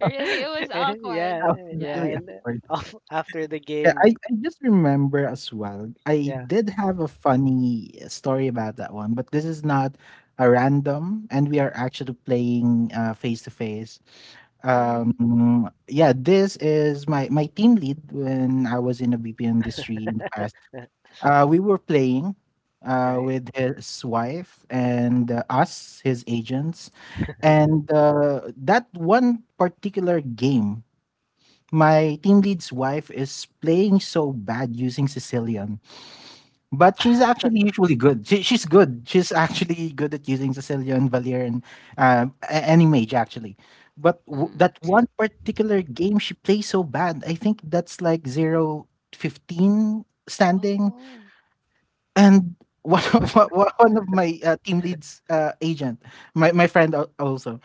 Really, it was [LAUGHS] And awkward. yeah, That was Yeah. yeah, really and awkward. After the Yeah, I game, I just remember as well, I yeah, did have a funny story about that one, but this is not a random, and we are actually playing, face to face. Mhm. Yeah, this is my team lead when I was in the BPO industry in the past. We were playing right. with his wife and us, his agents. Yeah. And that one particular game, my team lead's wife is playing so bad using Sicilian, but she's actually usually good. She's good. She's actually good at using Sicilian, Valerian, any mage actually. But w- Mhm. that one particular game she plays so bad, I think that's like 0-15 standing Oh. and one of, [LAUGHS] one of my team lead's agent, my friend also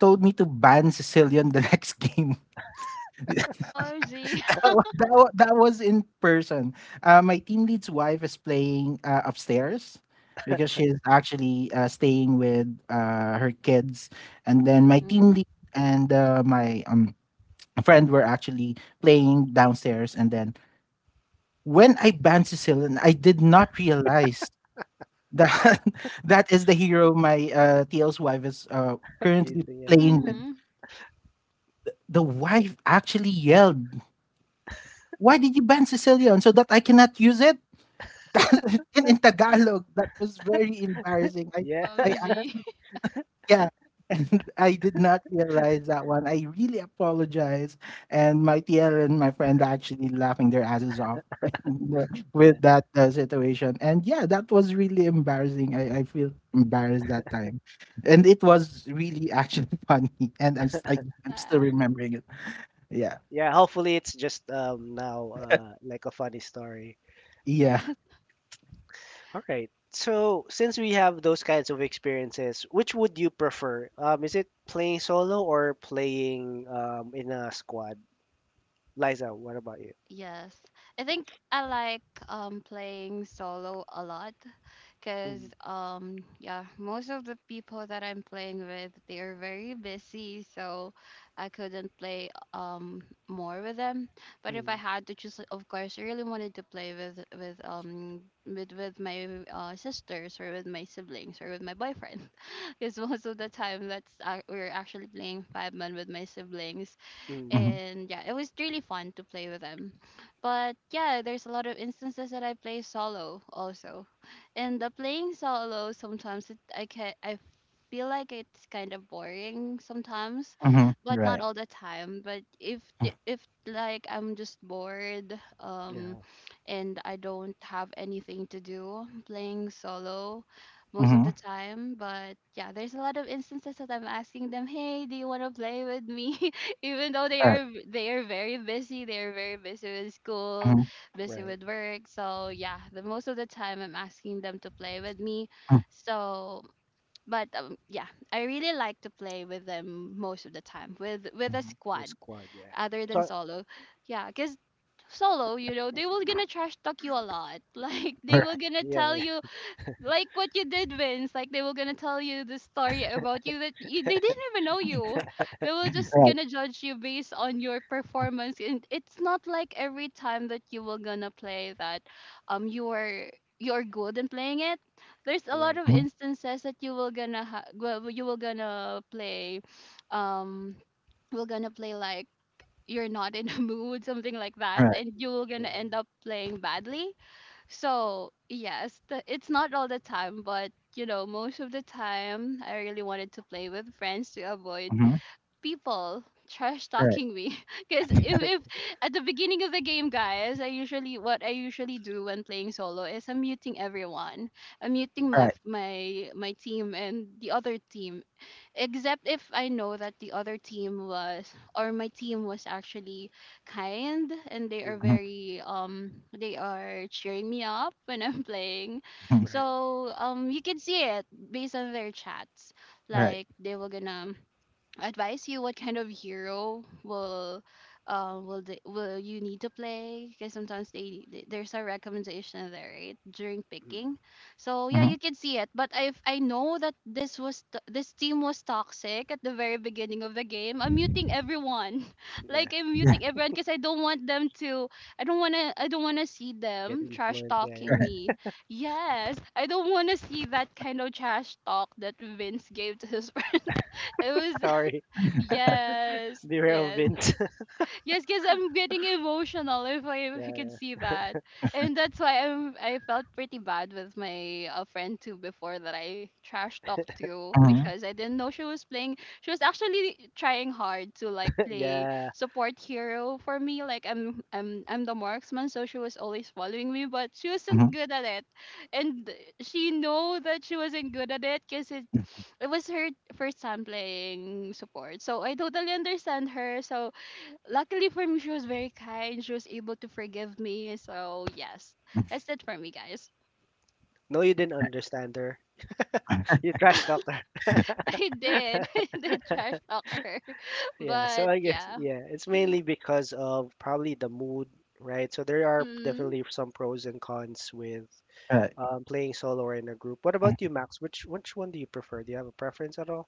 told me to ban Sicilian the [LAUGHS] next game. [LAUGHS] that, OMG. that was in person. My team lead's wife is playing upstairs because she's actually staying with her kids, and then my Mm. team Mhm. lead and my friend were actually playing downstairs. And then when I banned Sicilian, I did not realize that [LAUGHS] that is the hero my TL's wife is currently Using, yeah, playing with. Mhm. The wife actually yelled, "Why did you ban Sicilian so that I cannot use it?" [LAUGHS] In Tagalog. That was very embarrassing. I yeah. I [LAUGHS] OMG. actually, [LAUGHS] yeah. [LAUGHS] And I did not realize that one. I really apologize. And my TL and my friend are actually laughing their asses off [LAUGHS] Yeah. with that situation. And yeah, that was really embarrassing. I feel embarrassed that time. And it was really actually [LAUGHS] funny. And I'm, s- I, [LAUGHS] I'm still Yeah. remembering it. Yeah. Yeah, hopefully it's just now like a funny story. Yeah. Yeah. All right. So since we have those kinds of experiences, which would you prefer? Is it playing solo or playing in a squad? Liza, what about you? Yes. I think I like, playing solo a lot, cuz Mm, yeah, most of the people that I'm playing with, they are very busy, so I couldn't play, more with them. But if I mm, had to choose, of course, I really wanted to play with, with my, sisters or with my siblings or with my boyfriend, [LAUGHS] because most of the time that's, we're actually playing 5 man with my siblings, mm. hmm and yeah, it was really fun to play with them. But yeah, there's a lot of instances that I play solo also, and the playing solo sometimes it, I feel like it's kind of boring sometimes, but not Right. all the time. But if like I'm just bored, Yeah, and I don't have anything to do, I'm playing solo most of Mm-hmm. the time. But yeah, there's a lot of instances that I'm asking them, hey, do you want to play with me? Even though they Right. are they are very busy, they are very busy with school, Mm-hmm. busy right. with work. So yeah, the most of the time I'm asking them to play with me. Mm-hmm, So but yeah, I really like to play with them most of the time with a mm-hmm, The squad, squad, yeah. other than So solo. Yeah, because solo, they will gonna trash talk you a lot, [LAUGHS] like they will right. gonna yeah, tell yeah, you like what you did, Vince. Like they were gonna tell you the story about you that they didn't even know you. [LAUGHS] They were just Right. gonna judge you based on your performance, and it's not like every time that you were gonna play that, um, you're you're good in playing it. There's [LAUGHS] a lot right, of yeah, Mm-hmm. instances that you will gonna you will gonna play, um, we're gonna play like you're not in a [LAUGHS] mood, something like that, Right. and you will gonna true. end up playing badly. So yes, it's not all the time, but you know, most of the time, I really wanted to play with friends to avoid Mm-hmm. people trash Right. talking me. [LAUGHS] Because if at the beginning of the game, guys, I usually what I usually do when playing solo is I'm muting everyone. I'm muting Mm, my Right. f- my team and the other team, except if I know that the other team was or my team was actually kind and they are Mm-hmm. mm, very they are cheering me up [LAUGHS] when I'm playing. Mm-hmm, right. So you can see it based on their chats. right. Like they were gonna advise you what kind of hero will will you need to play, because sometimes they there's a recommendation there right during Mm, picking. So yeah, Mhm. you can see it. But if I know that this was this team was toxic at the very beginning of the game, I'm muting everyone. [LAUGHS] yeah. Like I'm Yeah, muting everyone because I don't want them to I don't want to see Get them trash influenced, yeah, [LAUGHS] talking right. yeah. me. Yes, I don't want to see that kind of trash talk that Vince gave to his [LAUGHS] friend. It was [LAUGHS] Sorry, yes, derail yes. Vince. [LAUGHS] Yes, because I'm getting emotional if I can Yeah, see that. And that's why I felt pretty bad with my friend too before, that I trash talked to, Mhm, because I didn't know she was playing. She was actually trying hard to like [LAUGHS] play yeah. support hero for me. Like I'm the marksman, so she was always following me, but she wasn't mhm, good at it. And she know that she wasn't good at it because it was her first time playing support. So I totally understand her. So luckily for me, she was very kind. She was able to forgive me. So yes, mm, that's it for me, guys. No, you didn't understand her. You Yeah, trash talked her. [LAUGHS] [LAUGHS] I did. [LAUGHS] I did trash talk her, [LAUGHS] Yeah, so but I guess yeah. yeah, it's mainly because of probably the mood, right? So there are Mhm. definitely some pros and cons with right, playing solo or in a group. What about mhm. you, Max? Which one do you prefer? Do you have a preference at all?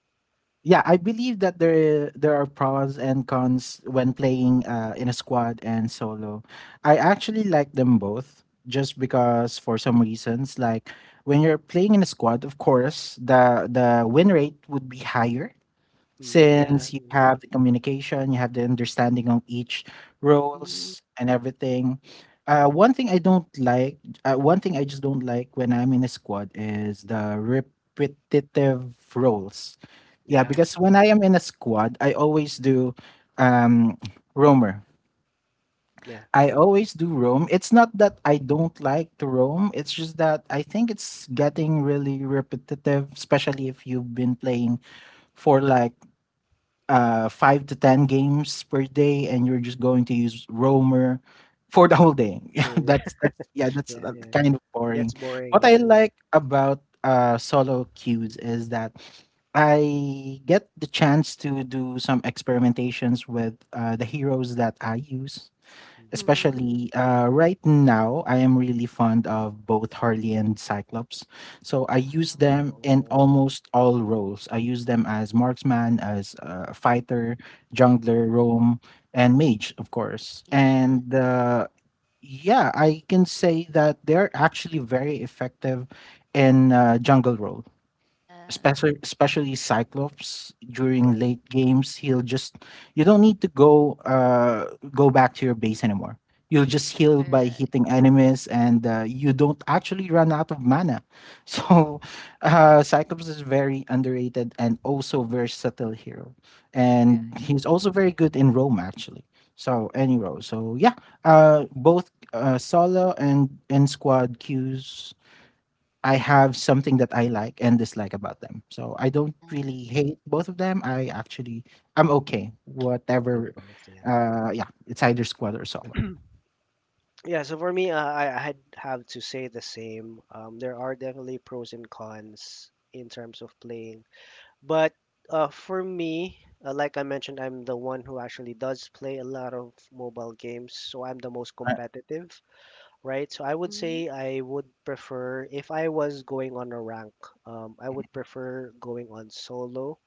Yeah, I believe that there are pros and cons when playing in a squad and solo. I actually like them both just because for some reasons like when you're playing in a squad, of course, the win rate would be higher Mm, yeah, since you have the communication, you have the understanding on each Mhm. roles and everything. Uh, one thing I don't like, One thing I just don't like when I'm in a squad is the repetitive roles. Yeah, yeah, because when Yes. I am in a squad, I always do um, roamer. yeah. I Mhm, always do roam. It's not that I don't like to roam. It's just that I think it's getting really repetitive, especially if you've been playing for like 5 to 10 games per day, and you're just going to use roamer for the whole day. [LAUGHS] Yeah, true. Yeah, that's that's yeah, [LAUGHS] that's yeah, uh, yeah. kind of It gets boring. boring. What I Yeah. like about solo queues is that I get the chance to do some experimentations with the heroes that I use, Mhm. Mhm. especially right now. I am really fond of both Harley and Cyclops, so I use Wow. them in Oh, almost all roles. I use them as marksman, as fighter, mm, jungler, roam, and mage, of course. Ages. And yeah, I can say that they're actually very effective in jungle role, Yes. especially Cyclops. During right. late games, he'll just, you don't need to go back to your base anymore. You'll just heal by Correct. hitting enemies, and you don't actually run out of mana. [LAUGHS] So, Yeah, Cyclops is very underrated and also versatile hero, and Correct. Yeah. he's also very good in roam actually. So any role. So yeah, both solo and squad queues, I have something that I like and dislike about them. So I don't really Yes. hate both of them. I actually, I'm okay. with Whatever, both. Yeah. Yeah, it's either squad or solo. Yeah. So for me, I had have to say the same. There are definitely pros and cons in terms of playing. But for me, like I mentioned, I'm the one who actually does play a lot of mobile games, so I'm the most Right, competitive, right? So I would Mhm. say I would prefer, if I was going on a rank, I would prefer going on solo,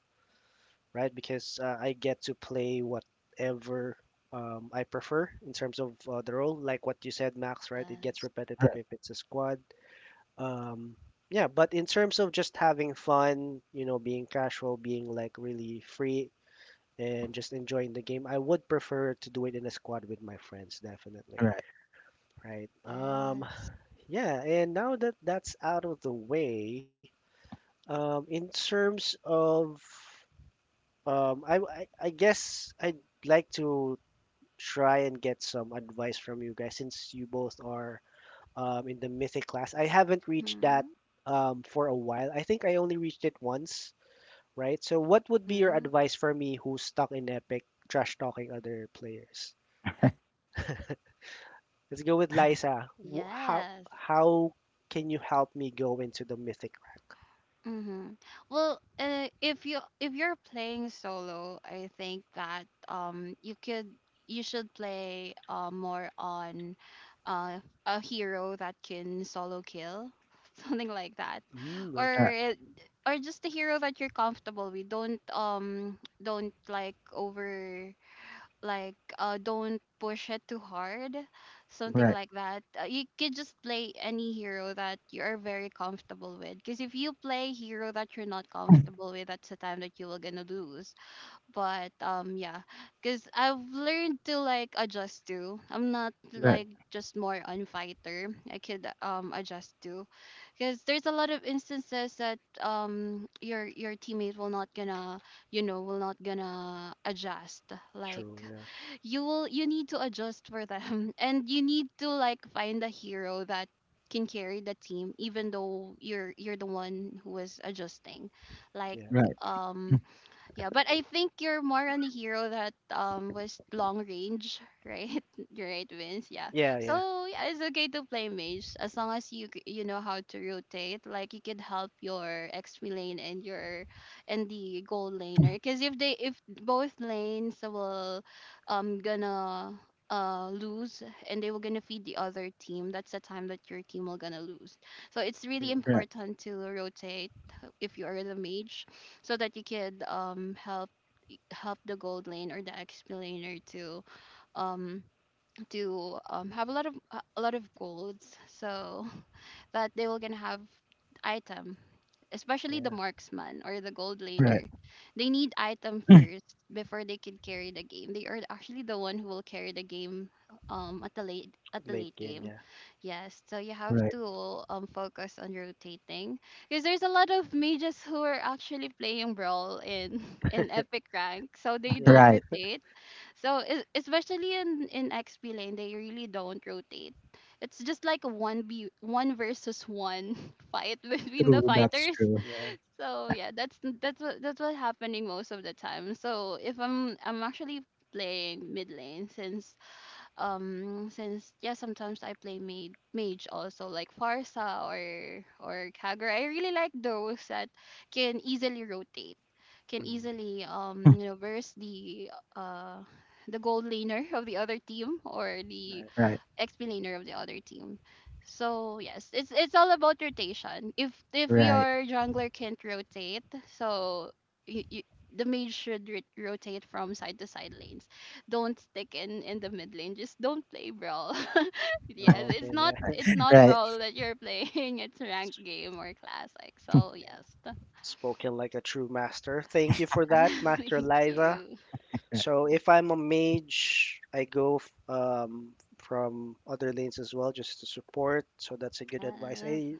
right? Because I get to play whatever I prefer in terms of the role. Like what you said, Max, right? It gets Yes. repetitive right, if it's a squad, um yeah, but in terms of just having fun, you know, being casual, being like really free and just enjoying the game, I would prefer to do it in a squad with my friends definitely, right, right? Yes. yeah, and now that that's out of the way, in terms of I guess I'd like to try and get some advice from you guys since you both are in the mythic class. I haven't reached that Mhm. For a while. I think I only reached it once, right? So, what would be your Mhm. advice for me who's stuck in epic trash talking other players? Let's go with Liza. Wh- How Yes. how can you help me go into the mythic rank? Mm-hmm. Well, if you if you're playing solo, I think that you could you should play more on uh a hero that can solo kill, [LAUGHS] something like that, Mm, or right, okay. it, or just a hero that you're comfortable with. Don't like over like don't push it too hard, something Mm, right, like that. You could just play any hero that you're very comfortable with, because if you play hero that you're not mm, comfortable with, that's the time that you will gonna lose. But yeah, because I've learned to like adjust to, I'm not right, mm, like just more on fighter, I could adjust to, because there's a lot of instances that your teammate will not gonna, you know, will not gonna adjust. Like true. Yeah. you will you need to adjust for them, [LAUGHS] and you need to like find a hero that can carry the team even though you're the one who is adjusting. Like Yeah. right, um mm, yeah, but I think you're more on the hero that was long range, right? [LAUGHS] You're right, Vince. Yeah. Yeah. Yeah. So yeah, it's okay to play mage as long as you know how to rotate. Like you can help your XP lane and your and the gold laner. Because if both lanes will gonna lose and they were gonna feed the other team, that's the time that your team will gonna lose. So it's really Mm, right, important to rotate, if you are the mage, so that you could help help the gold lane or the explainer um to have a lot of a lot of golds, so that they will gonna have item, especially the yeah. marksman or the gold right, laner. They need item mm, first before they can carry the game. They are actually the one who will carry the game at the Late late game. game. Yeah. Yes, so you have right, to focus on rotating, because there's a lot of mages who are actually playing brawl in [LAUGHS] in epic rank, so they Yeah. don't right. rotate. So especially in XP lane, they really don't rotate. It's just like a one versus one [LAUGHS] fight between the True, that's fighters. true. Yeah. So yeah, that's what happening most of the time. So if I'm I'm actually playing mid lane since yeah, sometimes I play mage also, like Farsa or Kagura. I really like those that can easily rotate, can Mm, easily Mm, you know verse uh the gold laner of the other team or the right. Yeah. right, ex-millionaire of the other team. So yes, it's all about rotation. If right, your jungler can't rotate, so you, you, the mage should rotate from side to side lanes. Don't stick in the mid lane. Just don't play brawl. [LAUGHS] Yes, Okay. Yeah. it's not right, brawl that you're playing. [LAUGHS] It's ranked game or classic. So yes, [LAUGHS] Spoken like a true master. Thank you for that, [LAUGHS] thank Master Liza. you. right. So if I'm a mage, I go from other lanes as well just to support. So that's a good advice. Yes. I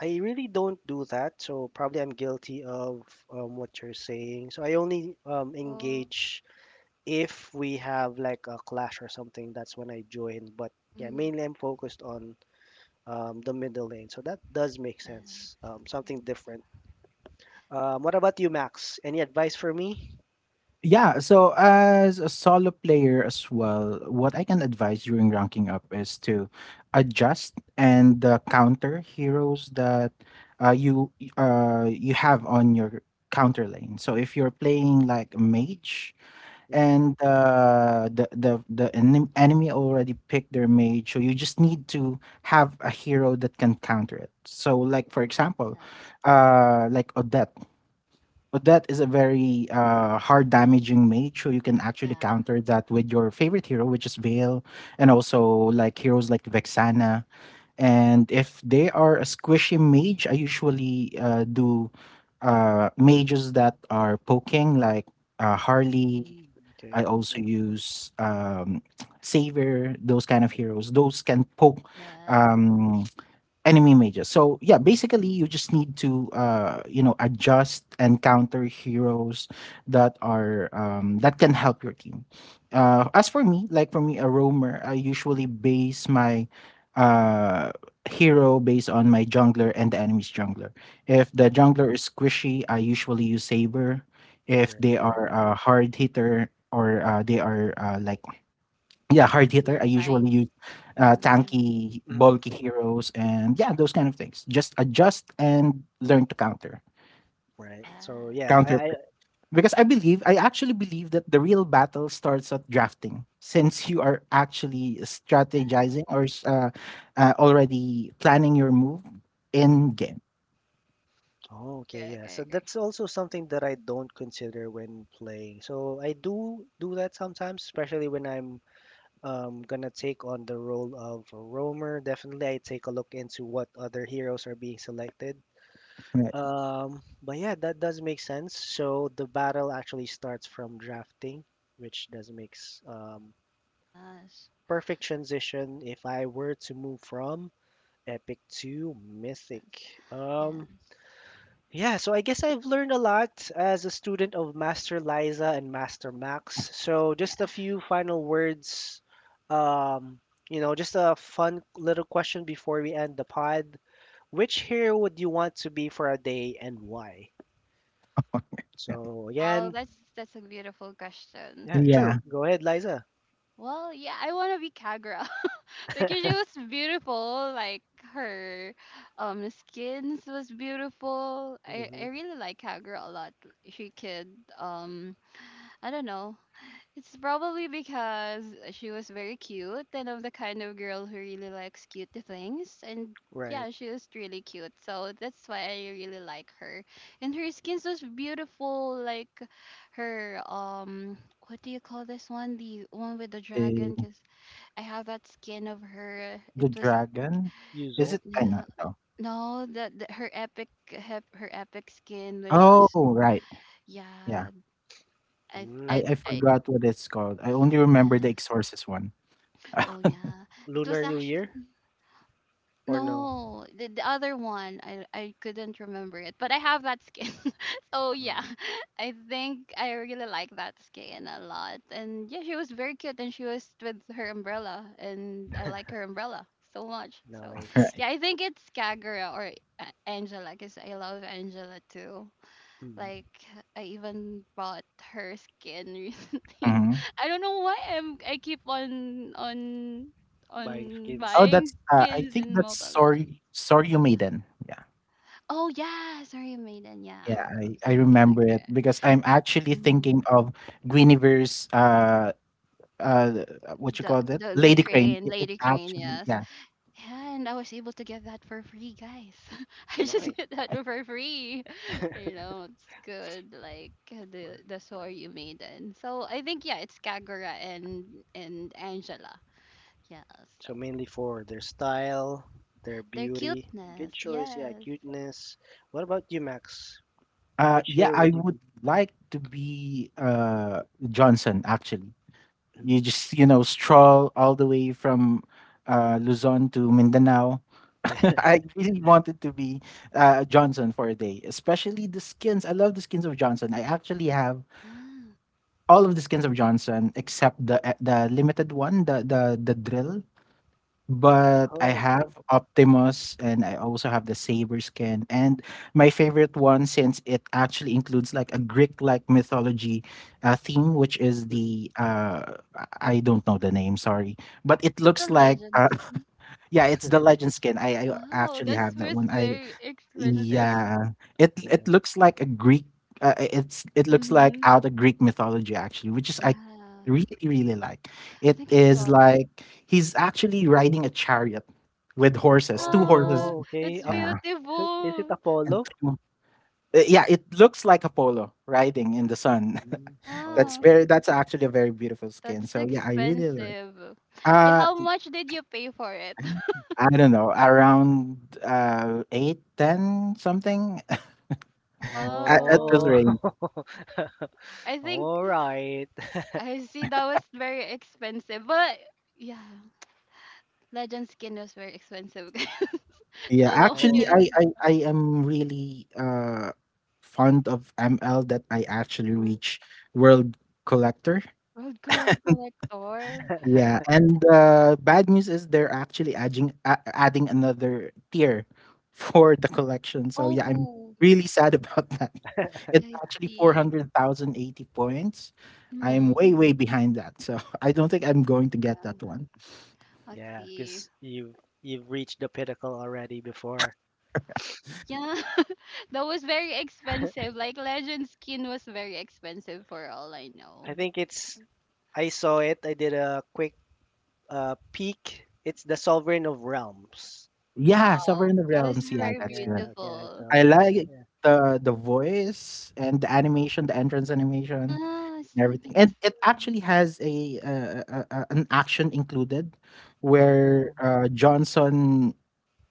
I really don't do that. So probably I'm guilty of what you're saying. So I only Oh. engage if we have like a clash or something. That's when I join. But yeah, Mhm. mainly I'm focused on the middle lane. So that does make Yes. sense. Yes. Something different, what about you, Max? Any advice for me? Yeah, so as a solo player as well, what I can advise during ranking up is to adjust and counter heroes that you have on your counter lane. So if you're playing like a mage Mm-hmm. and enemy already picked their mage, so you just need to have a hero that can counter it. So like for example, Yes. Like Odette. But that is a Yeah. very hard damaging mage, so you can actually Yeah. counter that with your favorite hero, which is Vale, and also like heroes like Vexana. And if they are a squishy mage, I usually do mages that are poking, like Harley. Hmm. Okay. I also Yeah. use [TSK] Savior, those kind of heroes. Those can poke Yes. um, enemy mages. So yeah, Mm-hmm. basically you just need to you know adjust and counter heroes that are that can help your team. As for me, like for me a roamer, I usually base my uh hero based on my jungler and the enemy's jungler. If the jungler is squishy, I usually use Saber. If Right. they Yeah. are Mm-hmm. a hard hitter or they are like yeah, hard A hitter, gear I fight. usually use Hmm. tanky, Mhm. bulky heroes, and yeah, those kind of things. Just adjust and learn to counter, Right. So yeah, Yes. I. counter I pick. Because I believe, I actually believe that the real battle starts at drafting, since you are actually Yeah. Already planning your move in Mhm. game. Oh, okay. Correct. Yeah. I So agree. that's also something that I don't consider when playing. So I do do that sometimes, especially when I'm gonna take on the role of a roamer. Definitely, I take a look into what other heroes are being selected. Right. But yeah, that does make sense. So the battle actually starts from drafting, which does makes Yes. perfect transition if I were to move from epic to Yes. mythic. Yes. Yeah, so I guess I've learned a lot as a student of Master Liza and Master Max. So just a Yeah. few final words. Um, you know, just a fun little question before we end the pod. Which hero would you want to be for a day and why? [LAUGHS] So Wow, again, that's a beautiful question. yeah, Yeah, sure. Go ahead, Liza. Well, yeah, I want to be Kagura [LAUGHS] because she was beautiful. Like her, skins was beautiful. I Hmm. I really like Kagura a lot. She could um, I don't know. It's probably because she was very cute and I'm the kind of girl who really likes cute things. And Right. yeah, she was really cute. So that's why I really like her. And her skin was beautiful, like her what do you call this one? The one with the the dragon, because I have that skin of her. It the was dragon? Is Yuzo. it, I don't no, know. no, the her her epic skin which Oh, was right. Yeah. yeah, I I I Mm. I I forgot what it's called. I only remember yeah. the Exorcist one. Oh [LAUGHS] yeah. It was Lunar New actually Year or no? no, the other one, I couldn't remember it, but I have that skin. [LAUGHS] So yeah, Oh, [LAUGHS] I think I really like that skin a lot. And yeah, she was very cute, and she was with her umbrella, and I like her umbrella so much. So nice. Right. yeah, I think it's Kagura or Angela, cause I love Angela too. Mm. Like I even bought her skin [LAUGHS] recently. Mhm. I don't know why I keep on on Buying on skins. Oh, buying that's, I skins think in that's Mobile Legends. Sorry Soryu Maiden. Yeah. Oh yeah, Sorry Maiden, yeah. Yeah, What I was it? I remember it Okay. because I'm actually Hmm. thinking of Guinevere's, uh, what you The call that? the the Lady Crane. crane, It Lady Crane, actually, yes. yeah. Yeah, and I was able to get that for free, guys. [LAUGHS] I just Nice. get that for free. [LAUGHS] [LAUGHS] You know, it's good. Like For- the Soryu Maiden. So I think yeah, it's Kagura and Angela. Yes. So mainly for their style, their Their beauty. Good cuteness. choice, yeah, Yes. cuteness. What about you, Max? Which Yeah, hero I would you would be? like to be, Johnson, actually. You Mm. just, you know, stroll all the way from Luzon to Mindanao. Yeah. [LAUGHS] [LAUGHS] I really wanted to be Johnson for a day, especially the skins. I love the skins of Johnson. I actually have Yeah. all of the skins of Johnson except the limited one, the drill. But I Oh, okay. have Optimus and I also have the Saber skin. And my favorite one, since it actually includes like a Greek-like mythology theme, which is Hmm. the I don't know the name, sorry, but it Not looks the like legend skin. [LAUGHS] yeah, it's the Legend skin. I Wow, actually that have that was one. I, very expensive. [LAUGHS] yeah, it Yeah. looks like a Greek, it's it looks like Mm-hmm. out of Greek mythology actually, which is I Yeah. really really like. I It think it's is all that. like he's actually riding a chariot with horses, two horses. Yeah. Oh, okay. It's Up. Yeah, Is it beautiful. and Apollo? two, yeah, it looks like Apollo riding in the sun. Mm. [LAUGHS] Oh, That's Ah, okay. very, that's actually a very beautiful skin. that's So yeah, I really like. expensive. Yeah, Uh, how much did you pay for it? [LAUGHS] I don't know, around eight, ten something [LAUGHS] at this Oh. Wow. range. I [LAUGHS] think All right. I see that was very expensive. But yeah, legend skin was very expensive. [LAUGHS] Guys, Yeah, so don't actually, get Oh. I it. I I am really fond of ML that I actually Mhm. reach world collector. Road cor collector. Yeah, and bad news is they're actually adding another tier [LAUGHS] for the collection. So yeah, I'm Oh, really sad about that. [LAUGHS] It's I actually see. 400,080 points. I'm Mm-hmm. way way behind that. So [LAUGHS] I don't think I'm going to get Yeah, that one. I Yeah, see. because you've reached the pinnacle already before. Yeah, [LAUGHS] that was very expensive. Like Legend skin was very expensive for all I know. I think it's I saw it. I did a quick peek. It's the Sovereign of Realms. Yeah, Wow, Sovereign of that is Realms. Yeah, very that's good. Yeah, yeah, I beautiful. saw I it, yeah. like the voice and the animation, the entrance Yeah, animation, I and saw everything. that And it too. actually has a an action included, where Oh, Johnson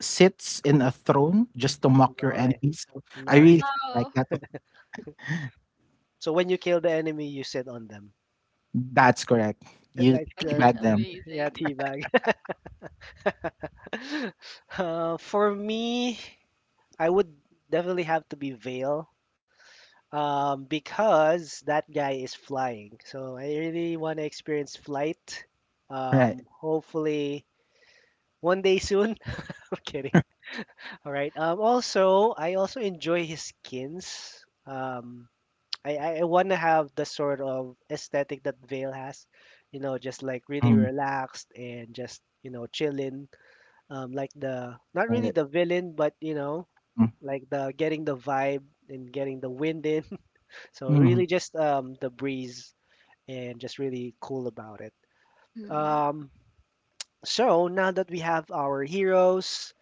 sits in a throne just to mock your nice, enemies. So I nice. really like Wow, that. So when you kill the enemy, you sit on them. That's correct. [LAUGHS] You Like wow, [LAUGHS] that, that's teabag them, yeah, amazing. teabag. [LAUGHS] For me, I would definitely have to be Veil because that guy is flying. So I really want to experience flight. right? Hopefully one day soon. [LAUGHS] I'm kidding. All [LAUGHS] right. Also, I also enjoy his skins. I want to have the sort of aesthetic that Vale has, you know, just like really Mm, relaxed and just, you know, chilling. Like the, not really right. the villain, but, you know, Mm, like the getting the vibe and getting the wind in. So mm, really just the breeze and just really cool about it. Mm-hmm. Um, so now that we have our heroes,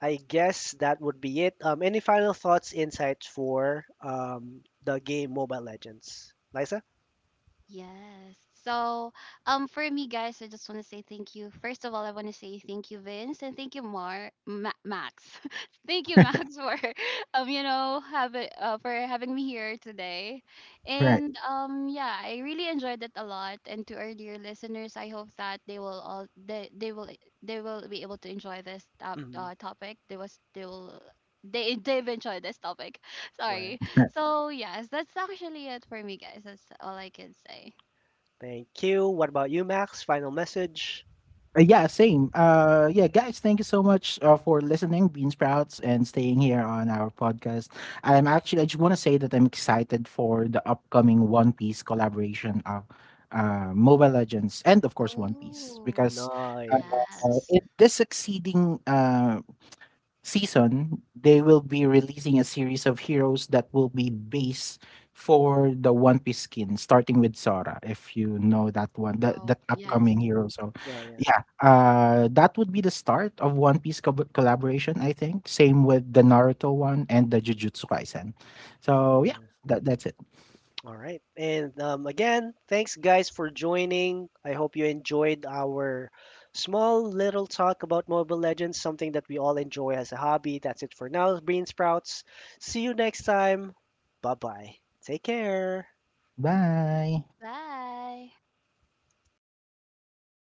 I guess that would be it. Any final thoughts, insights for the game Mobile Legends? Liza? Yes. So, for me, guys, I just want to say thank you. First of all, I want to say thank you, Vince, and thank you, Max. [LAUGHS] Thank you, Max, for [LAUGHS] you know, having for having me here today. right. And yeah, I really enjoyed it a lot. And to our dear listeners, I hope that they will all they will be able to enjoy this Hmm. Topic. They they've enjoyed this topic. [LAUGHS] Right. Sorry. [LAUGHS] So yes, that's actually it for me, guys. That's all I can say. Thank you. What about you, Max? Final message? Yeah, same. Yeah, guys, thank you so much for listening, Bean Sprouts, and staying here on our podcast. I'm actually, I just want to say that I'm excited for the upcoming One Piece collaboration of Mobile Legends and, of course, One Piece Oh, because uh, Nice. Yes. in this succeeding season, they will be releasing a series of heroes that will be base for the One Piece skin, starting with Sora, if you know that one, that Wow. that Mhm. Yes. upcoming hero. So, Yeah, yeah, yeah, that would be the start of One Piece collaboration, I think. Same with the Naruto one and the Jujutsu Kaisen. So, yeah, yeah. that that's it. All right. And again, thanks guys for joining. I hope you enjoyed our small little talk about Mobile Legends, something that we all enjoy as a hobby. That's it for now, Bean Sprouts. See you next time. Bye bye. Take care. Bye. Bye.